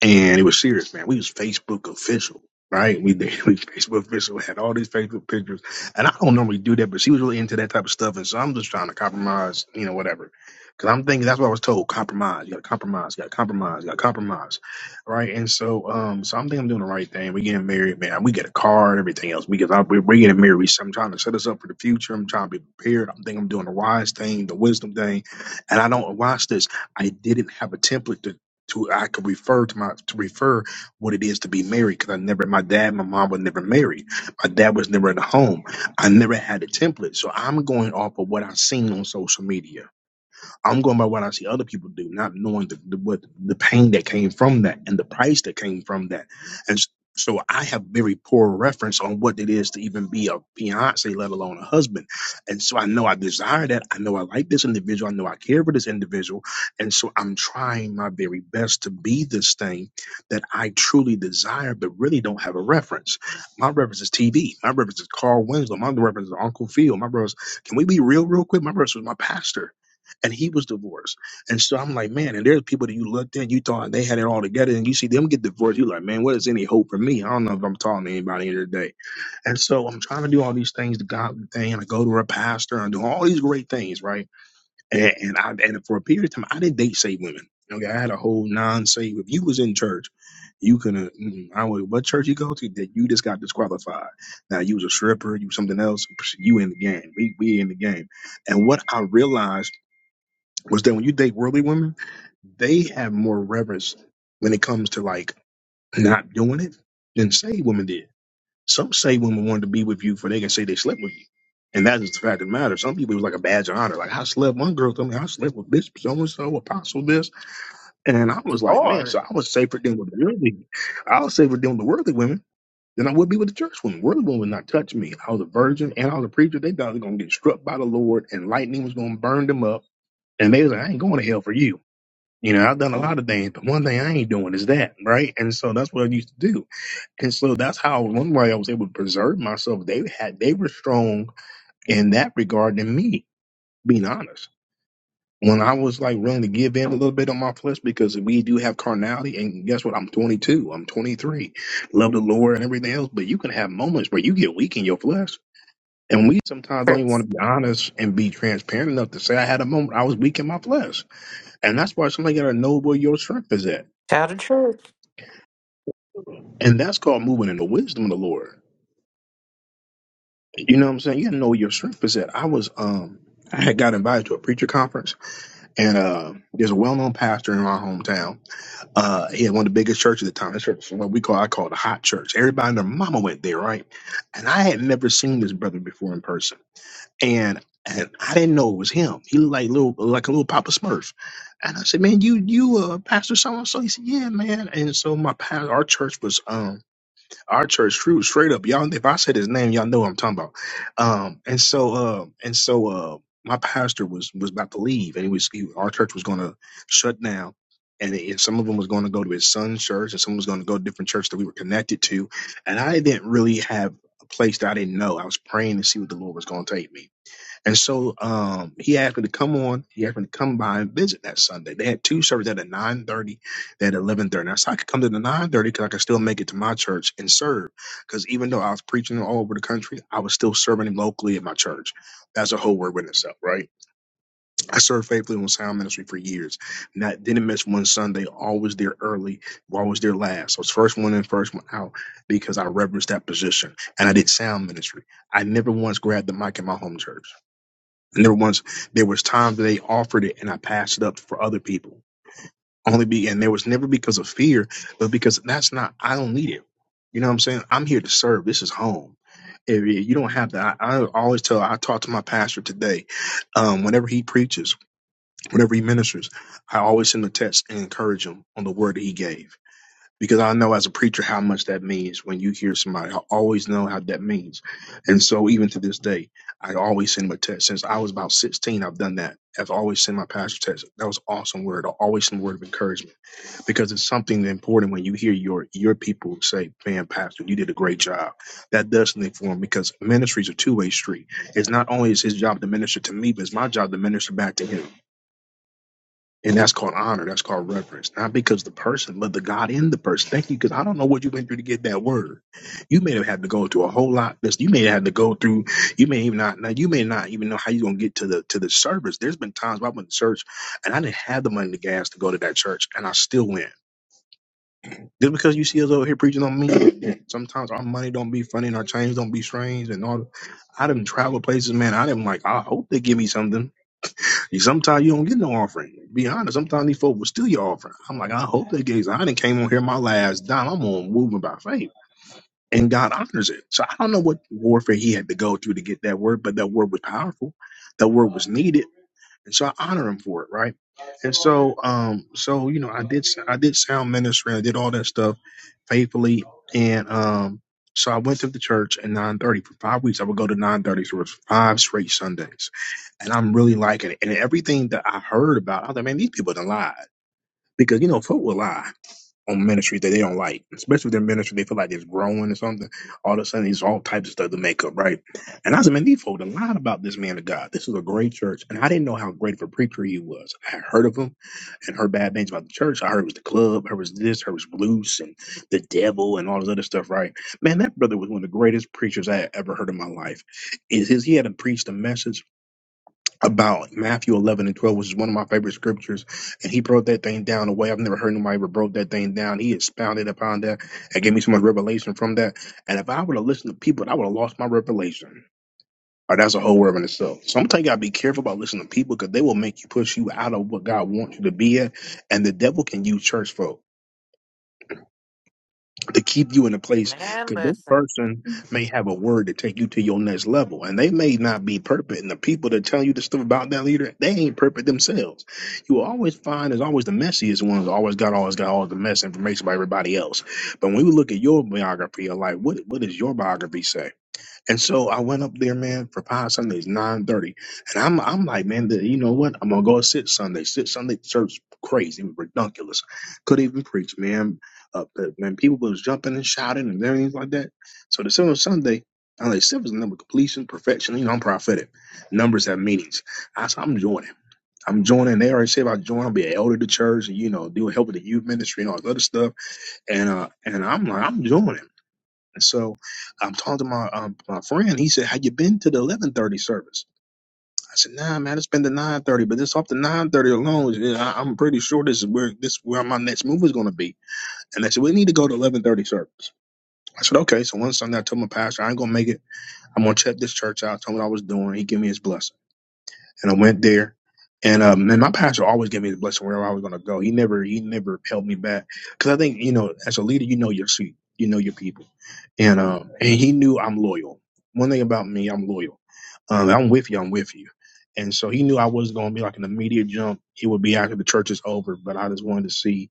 and it was serious, man. We was Facebook official, right? We did we was Facebook official had all these Facebook pictures, and I don't normally do that, but she was really into that type of stuff, and so I'm just trying to compromise, you know, whatever. Because I'm thinking that's what I was told: compromise, you got to compromise, you got to compromise, you got to compromise, right? And so, um, so I'm thinking I'm doing the right thing. We getting married, man. We get a car and everything else because I, we- we're getting married. So I'm trying to set us up for the future. I'm trying to be prepared. I'm thinking I'm doing the wise thing, the wisdom thing, and I don't watch this. I didn't have a template to I could refer to my to refer what it is to be married because I never my dad my mom were never married my dad was never in a home I never had a template so I'm going off of what I've seen on social media I'm going by what I see other people do, not knowing the, the what the pain that came from that and the price that came from that, and s- so I have very poor reference on what it is to even be a fiance, let alone a husband, and so I know I desire that, I know I like this individual, I know I care for this individual, and so I'm trying my very best to be this thing that I truly desire, but really don't have a reference. My reference is TV. My reference is Carl Winslow. My reference is Uncle Phil. My reference. Can we be real, real quick? My reference was my pastor and he was divorced. And so I'm like, man, and there's people that you looked at, you thought they had it all together, and you see them get divorced, you're like, man, what is any hope for me? I don't know if I'm talking to anybody here today. And so I'm trying to do all these things, the God thing, and I go to a pastor and do all these great things, right? And, and I and for a period of time, I didn't date saved women. Okay, I had a whole non-save. If you was in church, you couldn't. mm, I would. What church you go to? That you just got disqualified. Now you was a stripper. You something else. You in the game. We we in the game. And what I realized was that when you date worldly women, they have more reverence when it comes to like not doing it than saved women did. Some saved women wanted to be with you for they can say they slept with you. And that is the fact of the matter. Some people it was like a badge of honor. Like I slept one girl told me I slept with Bishop so and so, apostle this. And I was like, man, so I Lord. would safer dealing with the worldly. I would safer dealing with the worldly women than I would be with the church women. Worldly women would not touch me. I was a virgin and I was a preacher. They thought they were gonna get struck by the Lord and lightning was gonna burn them up. And they was like, I ain't going to hell for you. You know, I've done a lot of things, but one thing I ain't doing is that, right? And so that's what I used to do. And so that's how one way I was able to preserve myself. They had they were strong in that regard than me, being honest. When I was like willing to give in a little bit on my flesh because we do have carnality, and guess what? I'm 22, I'm 23, love the Lord and everything else, but you can have moments where you get weak in your flesh. And we sometimes don't even want Truth. to be honest and be transparent enough to say I had a moment I was weak in my flesh. And that's why somebody gotta know where your strength is at Tell the truth. And that's called moving in the wisdom of the Lord. You know what I'm saying? You gotta know where your strength is at. I was um I had got invited to a preacher conference and uh there's a well known pastor in my hometown. Uh he had one of the biggest churches at the time. This church was what we call I call it a hot church. Everybody and their mama went there, right? And I had never seen this brother before in person. And and I didn't know it was him. He looked like little like a little Papa Smurf. And I said, Man, you you uh Pastor so and so. He said, Yeah, man. And so my pastor our church was um Our church, true, straight up, y'all. If I said his name, y'all know what I'm talking about. Um, and so, uh, and so, uh, my pastor was was about to leave, and he was he, our church was going to shut down. And, it- and some of them was going to go to his son's church, and some was going to go to different church that we were connected to. And I didn't really have a place that I didn't know. I was praying to see what the Lord was going to take me. And so um, he asked me to come on. He asked me to come by and visit that Sunday. They had two services at a nine thirty, they had eleven thirty. I said I could come to the nine thirty because I could still make it to my church and serve. Because even though I was preaching all over the country, I was still serving him locally at my church. That's a whole word in itself, right? I served faithfully on Sound Ministry for years. Not didn't miss one Sunday. Always there early. Always there last. I was first one in, first one out because I reverenced that position and I did Sound Ministry. I never once grabbed the mic in my home church. And there once there was times they offered it and I passed it up for other people. Only be and there was never because of fear, but because that's not I don't need it. You know what I'm saying? I'm here to serve. This is home. If you you don't have that, I, I always tell. I talk to my pastor today. Um, whenever he preaches, whenever he ministers, I always send a text and encourage him on the word that he gave because I know as a preacher how much that means when you hear somebody. I always know how that means. And so even to this day, I always send my text. Since I was about 16, I've done that. I've always sent my pastor text. That was an awesome word. I always send a word of encouragement because it's something important when you hear your your people say, man, pastor, you did a great job. That does something for him because ministry is a two-way street. It's not only is his job to minister to me, but it's my job to minister back to him. And that's called honor. That's called reverence. Not because the person, but the God in the person. Thank you, because I don't know what you went through to get that word. You may have had to go through a whole lot. This you may have had to go through. You may even not. Now you may not even know how you're gonna get to the to the service. There's been times where I went to church and I didn't have the money to gas to go to that church, and I still went. Just because you see us over here preaching on me, sometimes our money don't be funny and our chains don't be strange and all. I done travel places, man. I didn't like. I hope they give me something. You Sometimes you don't get no offering. Be honest, sometimes these folks will steal your offering. I'm like, I hope they gave. I didn't came on here my last dime. I'm on moving by faith, and God honors it. So I don't know what warfare he had to go through to get that word, but that word was powerful. That word was needed and so I honor him for it, right? And so, um, so you know, I did, I did sound ministry, I did all that stuff faithfully, and um, so I went to the church at nine thirty for five weeks. I would go to nine thirty, so it was five straight Sundays, and I'm really liking it. And everything that I heard about, I was like, man, these people done lied because you know, folk will lie on ministries that they don't like, especially if their ministry they feel like it's growing or something. All of a sudden, it's all types of stuff to make up, right? And I was in folk a lot about this man of God. This is a great church, and I didn't know how great of a preacher he was. I had heard of him and heard bad things about the church. I heard it was the club, I heard it was this, I heard it was loose and the devil and all this other stuff, right? Man, that brother was one of the greatest preachers I had ever heard in my life. Is his he had preached a message about Matthew 11 and 12, which is one of my favorite scriptures. And he broke that thing down the way I've never heard nobody ever broke that thing down. He expounded upon that and gave me so much revelation from that. And if I would have listened to people, I would have lost my revelation. Or that's a whole word in itself. So I'm telling you, gotta be careful about listening to people because they will make you push you out of what God wants you to be at. And the devil can use church folk to keep you in a place Man, because that listen. person may have a word to take you to your next level and they may not be perfect and the people that tell you the stuff about that leader they ain't perfect themselves you will always find there's always the messiest ones always got always got all the mess information about everybody else but when we look at your biography or like what what does your biography say and so I went up there, man, for five Sundays, nine thirty, and I'm I'm like, man, the, you know what? I'm gonna go sit Sunday. Sit Sunday church, crazy, it was ridiculous. Could even preach, man. Uh, but, man, people was jumping and shouting and everything like that. So the seventh Sunday, I'm like, seventh is the number of completion, perfection. You know, I'm prophetic. Numbers have meanings. I said, I'm joining. I'm joining. They already said if I join, I'll be an elder to church, and you know, do help with the youth ministry and all this other stuff. And uh, and I'm like, I'm joining. And so I'm talking to my um, my friend. He said, "Have you been to the 11:30 service?" I said, "Nah, man. It's been the 9:30, but this off the 9:30 alone. is- I- I'm pretty sure this is where this where my next move is going to be." And they said, "We need to go to 11:30 service." I said, "Okay." So one Sunday, I told my pastor, "I ain't gonna make it. I'm gonna check this church out." Told him what I was doing. He gave me his blessing and I went there. And um, and my pastor always gave me the blessing wherever I was going to go. He never he never held me back because I think you know as a leader you know your seat, you know your people, and um and he knew I'm loyal. One thing about me, I'm loyal. Um, I'm with you, I'm with you. And so he knew I was not going to be like an immediate jump. It would be after the church is over, but I just wanted to see,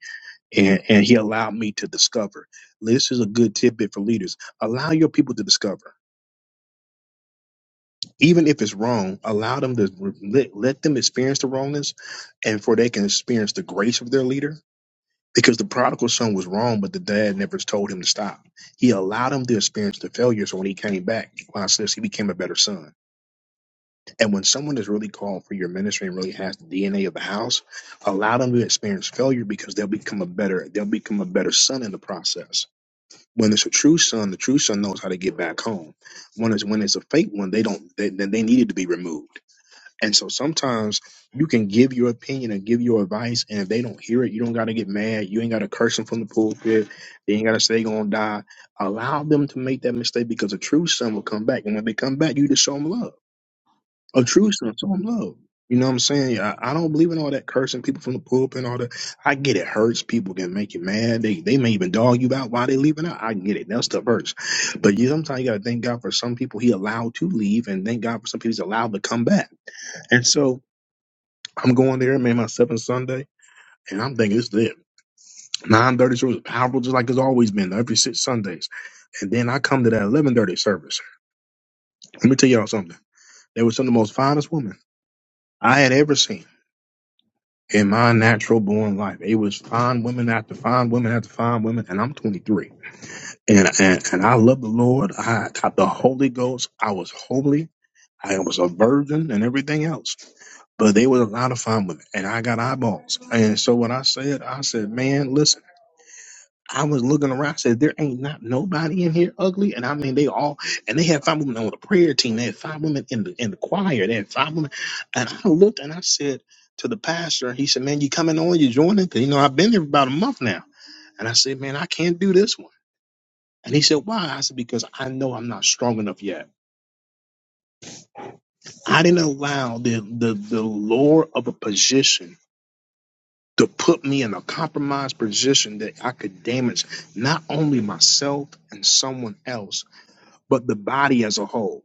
and and he allowed me to discover. This is a good tidbit for leaders: allow your people to discover even if it's wrong, allow them to let, let them experience the wrongness and for they can experience the grace of their leader. Because the prodigal son was wrong, but the dad never told him to stop. He allowed him to experience the failure. So when he came back, wow, sis, he became a better son. And when someone is really called for your ministry and really has the DNA of the house, allow them to experience failure because they'll become a better, they'll become a better son in the process. When it's a true son, the true son knows how to get back home. When it's when it's a fake one, they don't. They, they they needed to be removed and so sometimes you can give your opinion and give your advice, and if they don't hear it, you don't got to get mad. You ain't got to curse them from the pulpit. They ain't got to say they gonna die. Allow them to make that mistake because a true son will come back, and when they come back, you just show them love. A true son, show them love. You know what I'm saying? I, I don't believe in all that cursing people from the pulpit and all that. I get it hurts. People can make you mad. They they may even dog you out while they leaving out. I get it. That stuff hurts. But you sometimes you gotta thank God for some people he allowed to leave, and thank God for some people he's allowed to come back. And so I'm going there, man, my seventh Sunday, and I'm thinking it's lit. 9.30 service, powerful, just like it's always been, every six Sundays. And then I come to that 11.30 service. Let me tell y'all something. They were some of the most finest women I had ever seen in my natural born life. It was fine women after fine women after fine women, and I'm 23. And, and, and I love the Lord. I got the Holy Ghost. I was holy. I was a virgin and everything else. But they were a lot of fine women, and I got eyeballs. And so when I said, I said, man, listen. I was looking around, I said, there ain't not nobody in here ugly. And I mean, they all, and they had five women on the prayer team. They had five women in the, in the choir. They had five women. And I looked and I said to the pastor, he said, man, you coming on, you joining? Because, you know, I've been here about a month now. And I said, man, I can't do this one. And he said, why? I said, because I know I'm not strong enough yet. I didn't allow the, the, the lure of a position to put me in a compromised position that I could damage not only myself and someone else, but the body as a whole.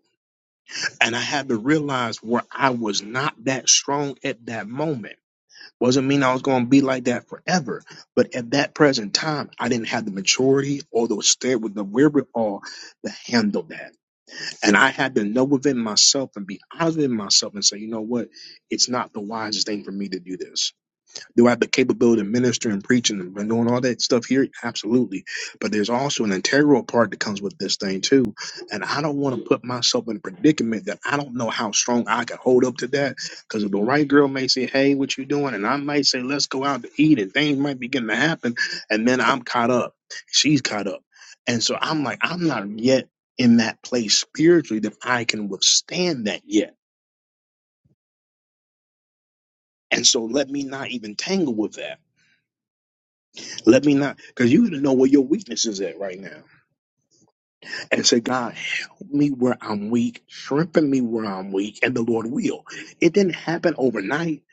And I had to realize where I was not that strong at that moment. Wasn't mean I was going to be like that forever, but at that present time, I didn't have the maturity or the stead with the wherewithal to handle that. And I had to know within myself and be honest with myself and say, you know what? It's not the wisest thing for me to do this do I have the capability to minister and preach and been doing all that stuff here? Absolutely. But there's also an integral part that comes with this thing too. And I don't want to put myself in a predicament that I don't know how strong I can hold up to that. Because if the right girl may say, Hey, what you doing? And I might say, Let's go out to eat and things might begin to happen. And then I'm caught up. She's caught up. And so I'm like, I'm not yet in that place spiritually that I can withstand that yet. And so let me not even tangle with that Let me not, because you know where your weakness is at right now. And say, God, help me where I'm weak, strengthen me where I'm weak, and the Lord will. It didn't happen overnight,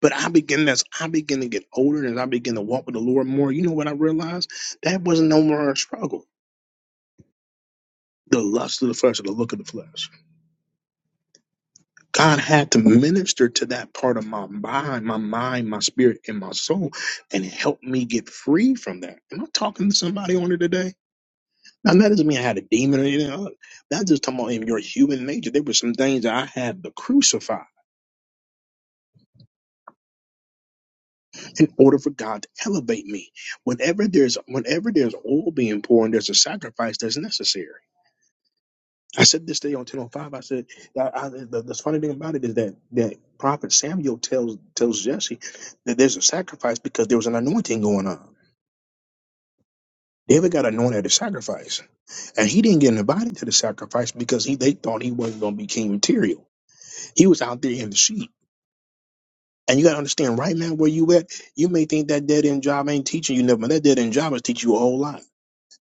but I begin as I begin to get older and as I begin to walk with the Lord more, you know what I realized? That was not no more a struggle. The lust of the flesh, or the look of the flesh. God had to minister to that part of my mind, my mind, my spirit, and my soul, and help me get free from that. Am I talking to somebody on it today? And that doesn't mean I had a demon or anything. That's just talking about in your human nature. There were some things that I had to crucify in order for God to elevate me. Whenever there's whenever there's oil being poured, there's a sacrifice that's necessary. I said this day on 1005. I said I, I, the, the funny thing about it is that that prophet Samuel tells tells Jesse that there's a sacrifice because there was an anointing going on. David got anointed at a sacrifice, and he didn't get invited to the sacrifice because he they thought he wasn't going to be king material. He was out there in the sheep. And you gotta understand, right now where you at, you may think that dead end job ain't teaching you nothing, but that dead end job is teaching you a whole lot.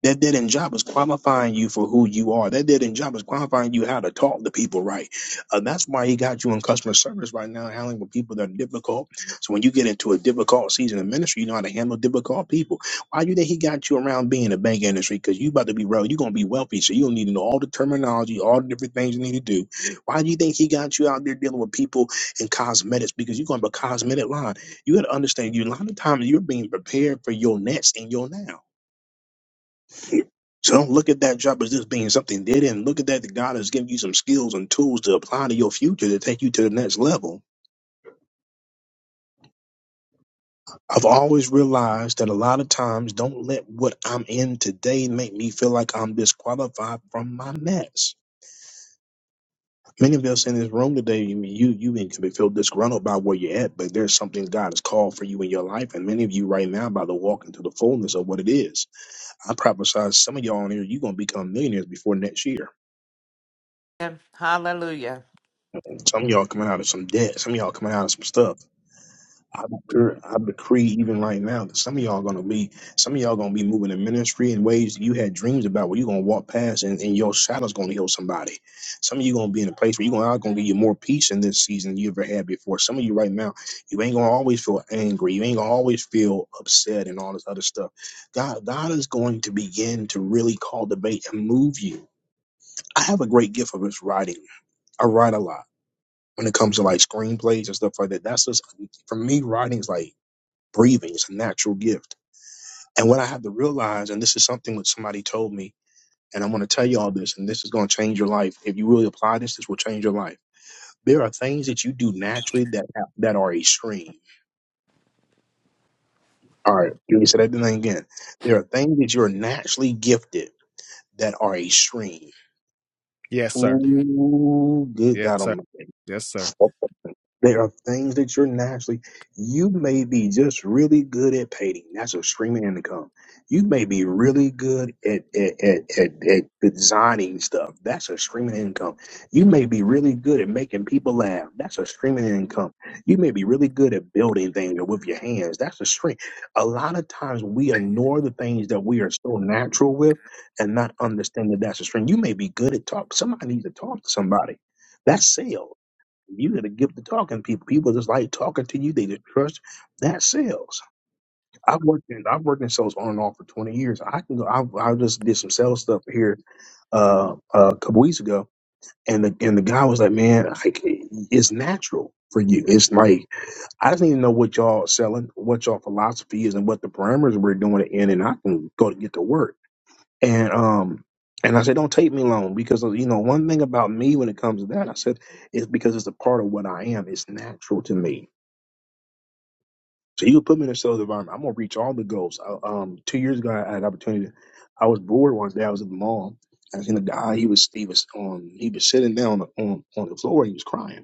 That dead end job is qualifying you for who you are. That dead end job is qualifying you how to talk to people right. And that's why he got you in customer service right now, handling with people that are difficult. So when you get into a difficult season of ministry, you know how to handle difficult people. Why you think he got you around being in the bank industry? Because you about to be real, you're gonna be wealthy, so you don't need to know all the terminology, all the different things you need to do. Why do you think he got you out there dealing with people in cosmetics? Because you're going to be a cosmetic line. You got to understand, you a lot of times you're being prepared for your next and your now. So don't look at that job as just being something they didn't. Look at that that God has given you some skills and tools to apply to your future to take you to the next level. I've always realized that a lot of times don't let what I'm in today make me feel like I'm disqualified from my mess. Many of us in this room today, you you you can feel disgruntled by where you're at, but there's something God has called for you in your life, and many of you right now by the walk into the fullness of what it is. I prophesy some of y'all on here, you're gonna become millionaires before next year. Yeah. Hallelujah. Some of y'all coming out of some debt, some of y'all coming out of some stuff I, declare- I decree even right now that some of y'all gonna be some of y'all gonna be moving in ministry in ways you had dreams about where you're gonna walk past and, and your shadow's gonna heal somebody. Some of you gonna be in a place where you're gonna, gonna give you more peace in this season than you ever had before. Some of you right now, you ain't gonna always feel angry, you ain't gonna always feel upset and all this other stuff. God God is going to begin to really cultivate and move you. I have a great gift of his writing. I write a lot when it comes to like screenplays and stuff like that. That's just for me, writing's like breathing is a natural gift. And what I had to realize, and this is something that somebody told me, and I'm going to tell you all this, and this is going to change your life. If you really apply this, this will change your life. There are things that you do naturally that have, that are extreme. All right, let me say that thing again. There are things that you're naturally gifted that are extreme. Yes, sir. Ooh, good Yes, God sir. Almighty! Yes, sir. There are things that you're naturally, you may be just really good at painting. That's a streaming income. You may be really good at, at, at, at, at designing stuff. That's a streaming income. You may be really good at making people laugh. That's a streaming income. You may be really good at building things with your hands. That's a stream. A lot of times we ignore the things that we are so natural with and not understand that that's a stream. You may be good at talk. Somebody needs to talk to somebody. That's sales you got a gift to talking to people. People just like talking to you. They just trust. That sells. I've worked in I've worked in sales on and off for twenty years. I can go. I, I just did some sales stuff here uh, a couple weeks ago, and the and the guy was like, "Man, like it's natural for you. It's like I just need to know what y'all selling, what y'all philosophy is, and what the parameters we're doing it in, and I can go to get to work." And um and I said, Don't take me long because you know, one thing about me when it comes to that, I said, it's because it's a part of what I am. It's natural to me. So you put me in a sales environment, I'm gonna reach all the goals. Uh, Um two years ago I had an opportunity I was bored one day, I was at the mall. I seen a guy, he was he was on he was sitting down on on the floor, he was crying.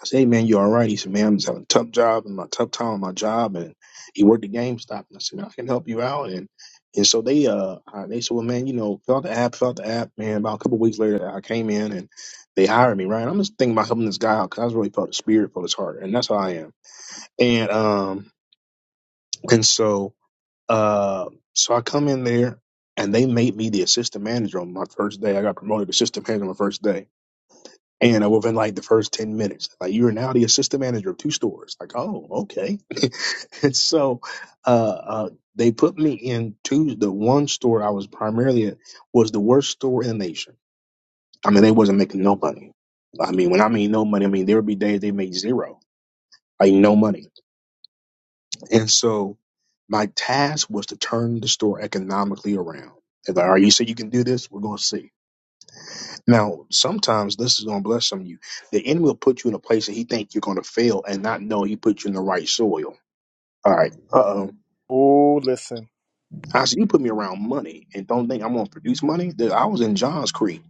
I said, hey man, you all right? He said, man, I'm just having a tough job and my tough time on my job. And he worked at GameStop. And I said, man, I can help you out. And and so they uh uh, they said, well, man, you know, fill out the app, fill out the app. Man, about a couple of weeks later, I came in and they hired me. Right? I'm just thinking about helping this guy out because I was really felt his spirit, felt his heart, and that's how I am. And um and so uh so I come in there and they made me the assistant manager on my first day. I got promoted to assistant manager on my first day and uh, within like the first 10 minutes, like you are now the assistant manager of two stores. Like, oh, okay. and so uh, uh, they put me in two, the one store I was primarily at was the worst store in the nation. I mean, they wasn't making no money. I mean, when I mean no money, I mean, there would be days they made zero, like no money. And so my task was to turn the store economically around. It's like, all right, you say you can do this, we're going to see. Now, sometimes this is gonna bless some of you. The enemy will put you in a place that he think you're gonna fail and not know he put you in the right soil. All right. Uh oh. Oh, listen. I said you put me around money and don't think I'm gonna produce money. Dude, I was in Johns Creek.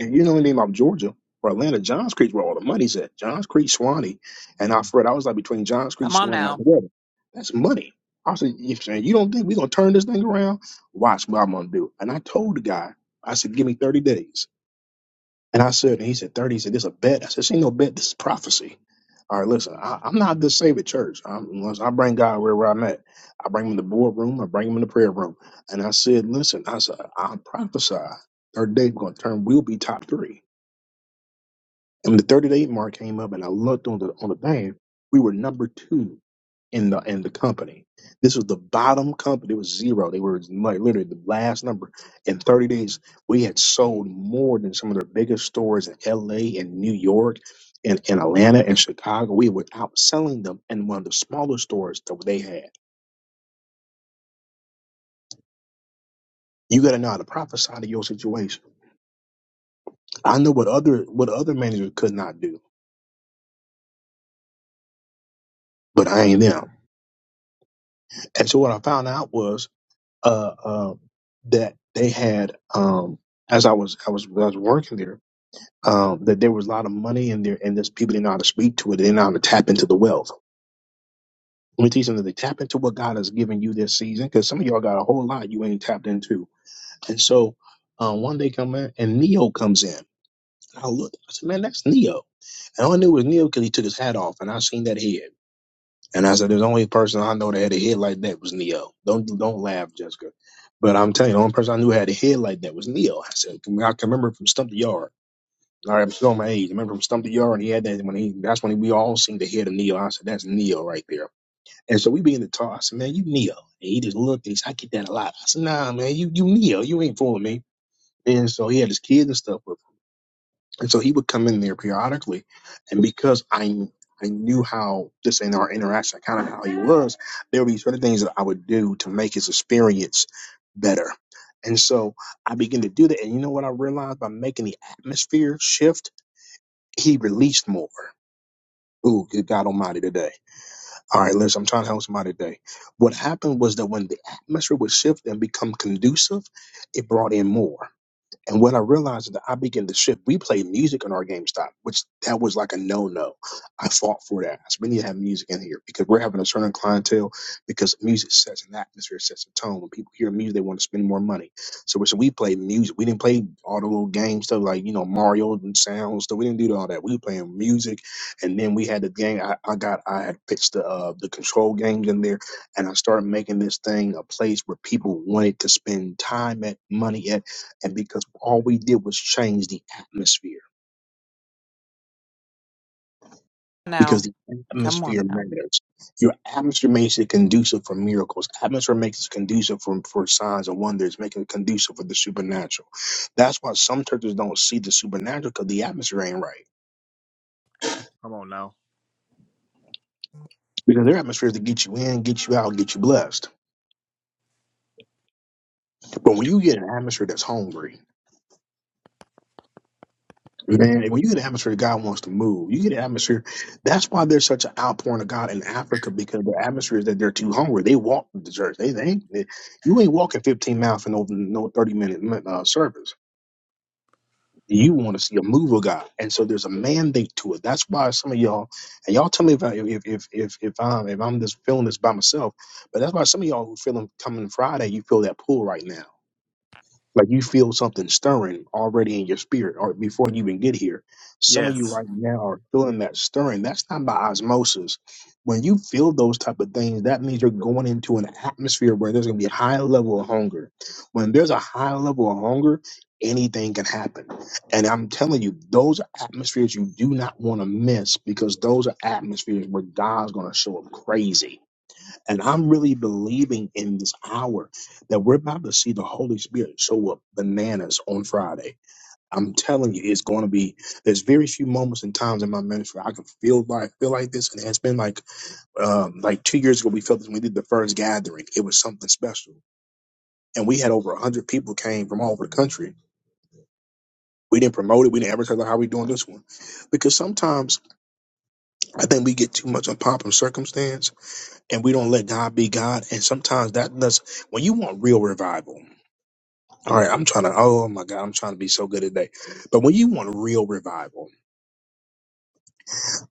And you know anything about Georgia or Atlanta, Johns Creek's where all the money's at. Johns Creek, Swanee. And I Fred, I was like between Johns Creek, Come on Swanee, out now. together. That's money. I said, you saying you don't think we're gonna turn this thing around? Watch what I'm gonna do. And I told the guy, I said, give me 30 days. And I said, and he said, 30. He said, this a bet. I said, this ain't no bet. This is prophecy. All right, listen, I, I'm not the saved church. I'm, unless I bring God wherever I'm at. I bring him in the boardroom. I bring him in the prayer room. And I said, listen, I said, I prophesy. Third day, we're going to turn, we'll be top three. And when the 30 day mark came up and I looked on the on the thing, we were number two in the in the company. This was the bottom company. It was zero. They were like literally the last number. In 30 days, we had sold more than some of their biggest stores in LA and New York and in Atlanta and Chicago. We were outselling them in one of the smaller stores that they had. You gotta know how to prophesy to your situation. I know what other what other managers could not do, but I ain't them. And so what I found out was uh, um, that they had um, as I was I was I was working there um, that there was a lot of money in there and this people didn't know how to speak to it they didn't know how to tap into the wealth. Let me tell you something. They tap into what God has given you this season because some of y'all got a whole lot you ain't tapped into. And so um, one day come in and Neo comes in. And I looked. I said, "Man, that's Neo." And all I knew was Neo because he took his hat off, and I seen that head. And I said, "There's only person I know that had a head like that was Neo. Don't don't laugh, Jessica. But I'm telling you, the only person I knew had a head like that was Neo. I said, "Can- I can remember from Stump the Yard. All right, I'm showing my age. I remember from Stump the Yard, and he had that when he. That's when we all seen the head of Neo. I said, "That's Neo right there. And so we began to talk. I said, "Man, you Neo. And he just looked. and He said, "I get that a lot. I said, "Nah, man, you you Neo. You ain't fooling me. And so he had his kids and stuff. And so he would come in there periodically. And because I I knew how this and our interaction, kind of how he was, there would be certain things that I would do to make his experience better. And so I began to do that. And you know what I realized by making the atmosphere shift? He released more. Ooh, good God Almighty today. All right, listen, I'm trying to help somebody today. What happened was that when the atmosphere would shift and become conducive, it brought in more. And what I realized is that I began to shift. We played music on our GameStop, which that was like a no no. I fought for that. So We need to have music in here because we're having a certain clientele because music sets an atmosphere, sets a tone. When people hear music, they want to spend more money. So we, so we played music. We didn't play all the little game stuff like, you know, Mario and sounds. So We didn't do all that. We were playing music. And then we had the game. I, I got, I had pitched the, uh, the control games in there and I started making this thing a place where people wanted to spend time at, money at and because all we did was change the atmosphere because Now. the Come atmosphere on now. matters. Your atmosphere makes it conducive for miracles. Atmosphere makes it conducive for, for signs and wonders, making it conducive for the supernatural. That's why some churches don't see the supernatural because the atmosphere ain't right. Come on now. Because their atmosphere is to get you in, get you out, get you blessed. But when you get an atmosphere that's hungry, Man, when you get an atmosphere, God wants to move. You get an atmosphere. That's why there's such an outpouring of God in Africa because the atmosphere is that they're too hungry. They walk to the church. They, they, ain't- they you ain't walking 15 miles for no no 30 minute uh, service. You want to see a move of God, and so there's a mandate to it. That's why some of y'all, and y'all tell me if I, if if if if I'm if I'm just feeling this by myself, but that's why some of y'all who feeling coming Friday, you feel that pull right now. Like you feel something stirring already in your spirit or before you even get here. Some of you Yes. right now are feeling that stirring. That's not by osmosis. When you feel those type of things, that means you're going into an atmosphere where there's gonna be a high level of hunger. When there's a high level of hunger, anything can happen. And I'm telling you, those are atmospheres you do not want to miss because those are atmospheres where God's gonna show up crazy and I'm really believing in this hour that we're about to see the Holy Spirit show up bananas on Friday. I'm telling you, it's going to be. There's very few moments and times in my ministry I can feel like feel like this, and it's been like um, like two years ago we felt this when we did the first gathering. It was something special, and we had over a hundred people came from all over the country. We didn't promote it. We didn't advertise like, how we doing this one, because sometimes I think we get too much on pomp and circumstance, and we don't let God be God. And sometimes that does when you want real revival. All right, I'm trying to. Oh my God, I'm trying to be so good today. But when you want real revival,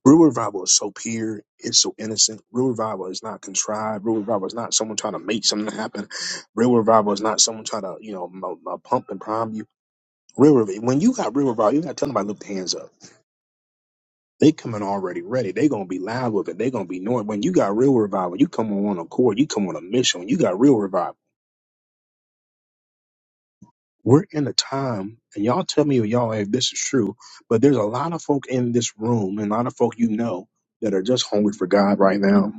real revival is so pure, it's so innocent. Real revival is not contrived. Real revival is not someone trying to make something happen. Real revival is not someone trying to, you know, m- m- pump and prime you. Real revival. When you got real revival, you got to tell nobody lift their hands up. They coming already ready. They gonna be loud with it. They gonna be knowing. When you got real revival, you come on a cord. You come on a mission. When you got real revival. We're in a time, and y'all tell me, y'all, if this is true, but there's a lot of folk in this room and a lot of folk you know that are just hungry for God right now.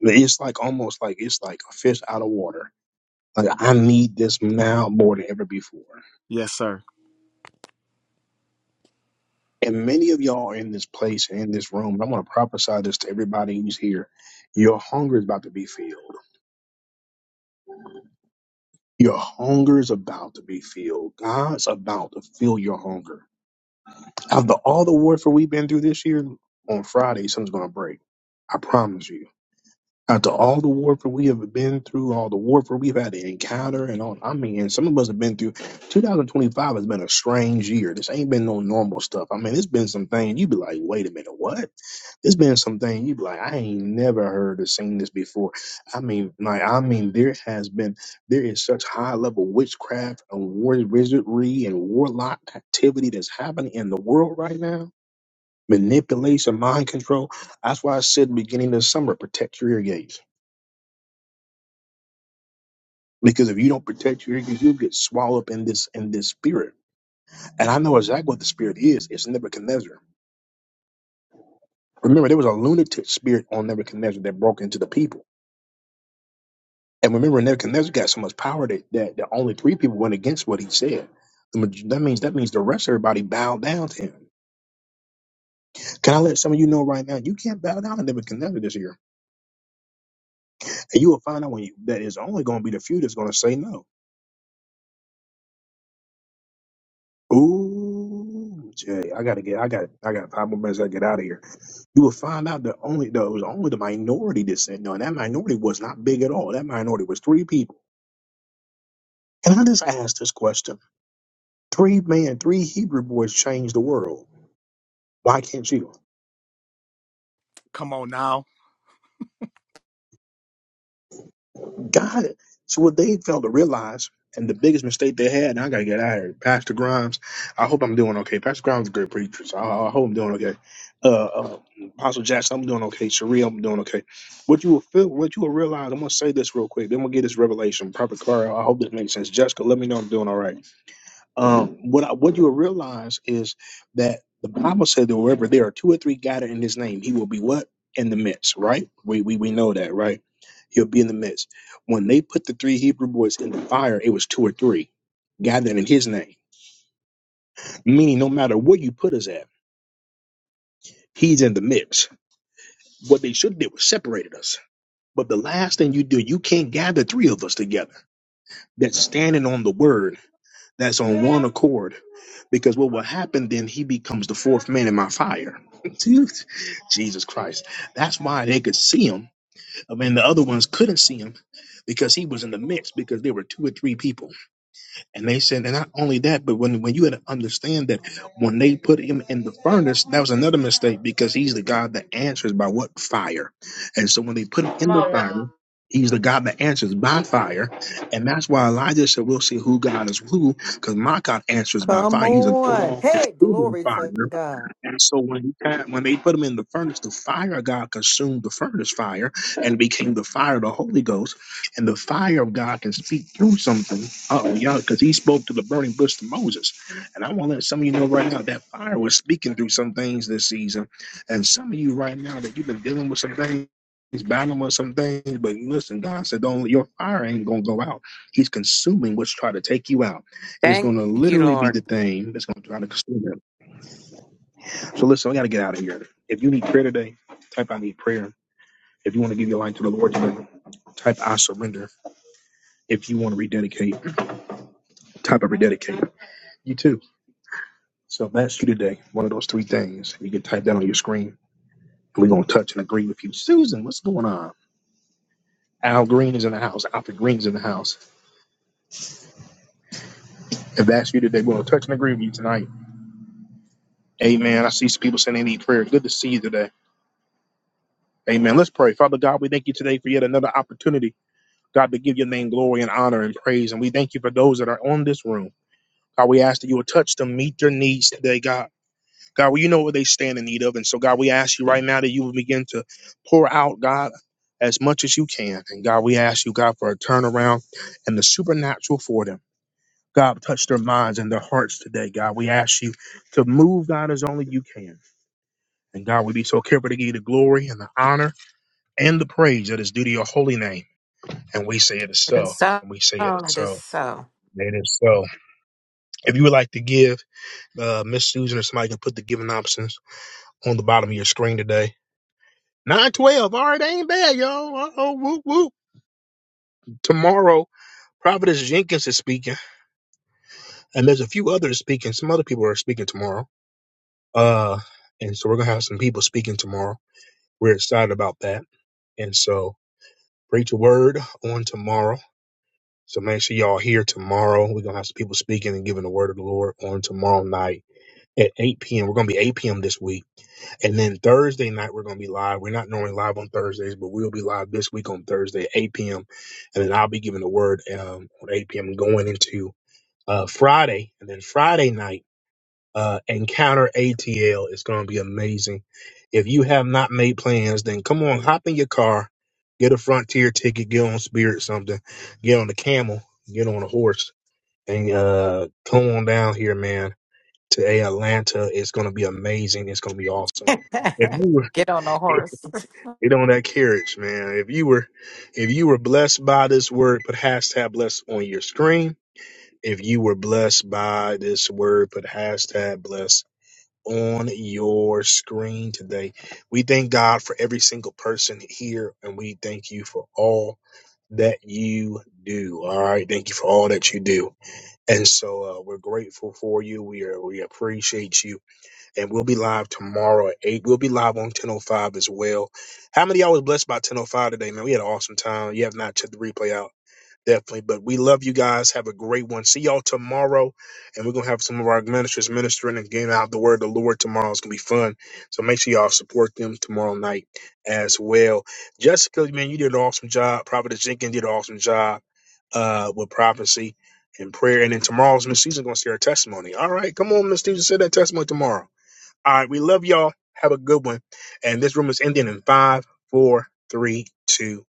It's like almost like it's like a fish out of water. Like, I need this now more than ever before. Yes, sir. And many of y'all are in this place and in this room. and I want to prophesy this to everybody who's here. Your hunger is about to be filled. Your hunger is about to be filled. God's about to fill your hunger. After all the warfare we've been through this year, on Friday, something's going to break. I promise you. After all the warfare we have been through, all the warfare we've had to encounter, and all, I mean, some of us have been through 2025 has been a strange year. This ain't been no normal stuff. I mean, it's been some things you'd be like, wait a minute, what? It's been some things you'd be like, I ain't never heard or seen this before. I mean, like, I mean, there has been, there is such high level witchcraft and war, wizardry and warlock activity that's happening in the world right now manipulation, mind control. That's why I said beginning of summer, protect your ear gates. Because if you don't protect your ear gates, you'll get swallowed up in this in this spirit. And I know exactly what the spirit is. It's Nebuchadnezzar. Remember, there was a lunatic spirit on Nebuchadnezzar that broke into the people. And remember, Nebuchadnezzar got so much power that, that, that only three people went against what he said. The maj- That means that means the rest of everybody bowed down to him. Can I let some of you know right now? You can't bow down to Nebuchadnezzar this year, and you will find out when you, that it's only going to be the few that's going to say no. Ooh, Jay, I gotta get, I got, I got five more minutes. I gotta get out of here. You will find out that only that it was only the minority that said no, and that minority was not big at all. That minority was three people. Can I just ask this question? Three men, three Hebrew boys changed the world. Why can't you? Come on now. God. So what they failed to realize, and the biggest mistake they had, and I gotta get out of here. Pastor Grimes, I hope I'm doing okay. Pastor Grimes is a great preacher, so I, I hope I'm doing okay. Uh, uh, Apostle Jackson, I'm doing okay. Sheree, I'm doing okay. What you will feel, what you will realize, I'm gonna say this real quick. Then we'll get this revelation. Prophet Clara, I hope this makes sense. Jessica, let me know I'm doing all right um, what I, what you will realize is that the Bible said that wherever there are two or three gathered in His name, He will be what in the midst, right? We we we know that, right? He'll be in the midst. When they put the three Hebrew boys in the fire, it was two or three gathered in His name, meaning no matter where you put us at, He's in the midst. What they should have did was separated us. But the last thing you do, you can't gather three of us together that's standing on the word that's on one accord. Because what will happen then, he becomes the fourth man in my fire. Jesus Christ. That's why they could see him. I mean, the other ones couldn't see him because he was in the mix because there were two or three people. And they said, and not only that, but when, when you had to understand that when they put him in the furnace, that was another mistake because he's the God that answers by what fire. And so when they put him Come in the on fire, now. he's the God that answers by fire. And that's why Elijah said, we'll see who God is who, because my God answers by Come fire. He's an on. all Hey, consuming glory fire. to God. And so when he pa- when they put him in the furnace, the fire of God consumed the furnace fire and became the fire of the Holy Ghost. And the fire of God can speak through something. Uh oh, y'all, because he spoke to the burning bush to Moses. And I want to let some of you know right now that fire was speaking through some things this season. And some of you right now that you've been dealing with some things. battling with some things, but listen, God said, "Don't your fire ain't gonna go out. He's consuming what's trying to take you out. It's Thank gonna you, literally be the Lord. thing that's gonna try to consume. So listen, I gotta get out of here. If you need prayer today, type I need prayer. If you want to give your life to the Lord today, type I surrender. If you want to rededicate, type I rededicate. You too. So if that's you today, one of those three things. You can type that on your screen. And we're gonna touch and agree with you. Susan, what's going on? Al Green is in the house. Alfred Green is in the house. If that's you today, we're gonna touch and agree with you tonight. Amen. I see some people saying they need prayer. Good to see you today. Amen. Let's pray. Father God, we thank you today for yet another opportunity. God, to give your name glory and honor and praise. And we thank you for those that are on this room. God, we ask that you will touch them, meet their needs today, God. God, well, you know what they stand in need of. And so, God, we ask you right now that you will begin to pour out, God, as much as you can. And God, we ask you, God, for a turnaround and the supernatural for them. God, touch their minds and their hearts today, God. We ask you to move, God, as only you can. And God, we be so careful to give you the glory and the honor and the praise that is due to your holy name. And we say it is It is so. so. And we say it is It is so. so. Native. So if you would like to give, uh, Miss Susan or somebody can put the giving options on the bottom of your screen today. 912. All right, that ain't bad, y'all. Uh-oh, whoop, whoop. Tomorrow, Providence Jenkins is speaking, and there's a few others speaking. Some other people are speaking tomorrow. Uh, and so we're going to have some people speaking tomorrow. We're excited about that. And so preach a word on tomorrow. So make sure y'all here tomorrow. We're going to have some people speaking and giving the word of the Lord on tomorrow night at 8 p.m. We're going to be 8 p.m. this week And then Thursday night, we're going to be live. We're not normally live on Thursdays, but we'll be live this week on Thursday, 8 p.m. And then I'll be giving the word um, on 8 p.m. going into uh, Friday. And then Friday night, uh, Encounter ATL is going to be amazing. If you have not made plans, then come on, hop in your car, get a Frontier ticket, get on Spirit something, get on the camel, get on a horse, and uh, come on down here, man, to Atlanta. It's going to be amazing. It's going to be awesome. If you were Get on the horse. Get on that carriage, man. If you were, if you were blessed by this word, put hashtag blessed on your screen. If you were blessed by this word, put hashtag blessed on your screen today. We thank God for every single person here, and we thank you for all that you do. All right, thank you for all that you do, and so uh, we're grateful for you. We are, we appreciate you and we'll be live tomorrow at eight. We'll be live on ten oh five as well. How many of y'all was blessed by ten oh five today, man? We had an awesome time. You have not checked the replay out, definitely. But we love you guys. Have a great one. See y'all tomorrow, and we're gonna have some of our ministers ministering and getting out the word of the Lord tomorrow. It's gonna be fun. So make sure y'all support them tomorrow night as well. Jessica, man, you did an awesome job. Prophet Jenkins did an awesome job uh, with prophecy and prayer. And then tomorrow's Miss Susan gonna share her testimony. All right, come on, Miss Susan, say that testimony tomorrow. All right, we love y'all. Have a good one. And this room is ending in five, four, three, two,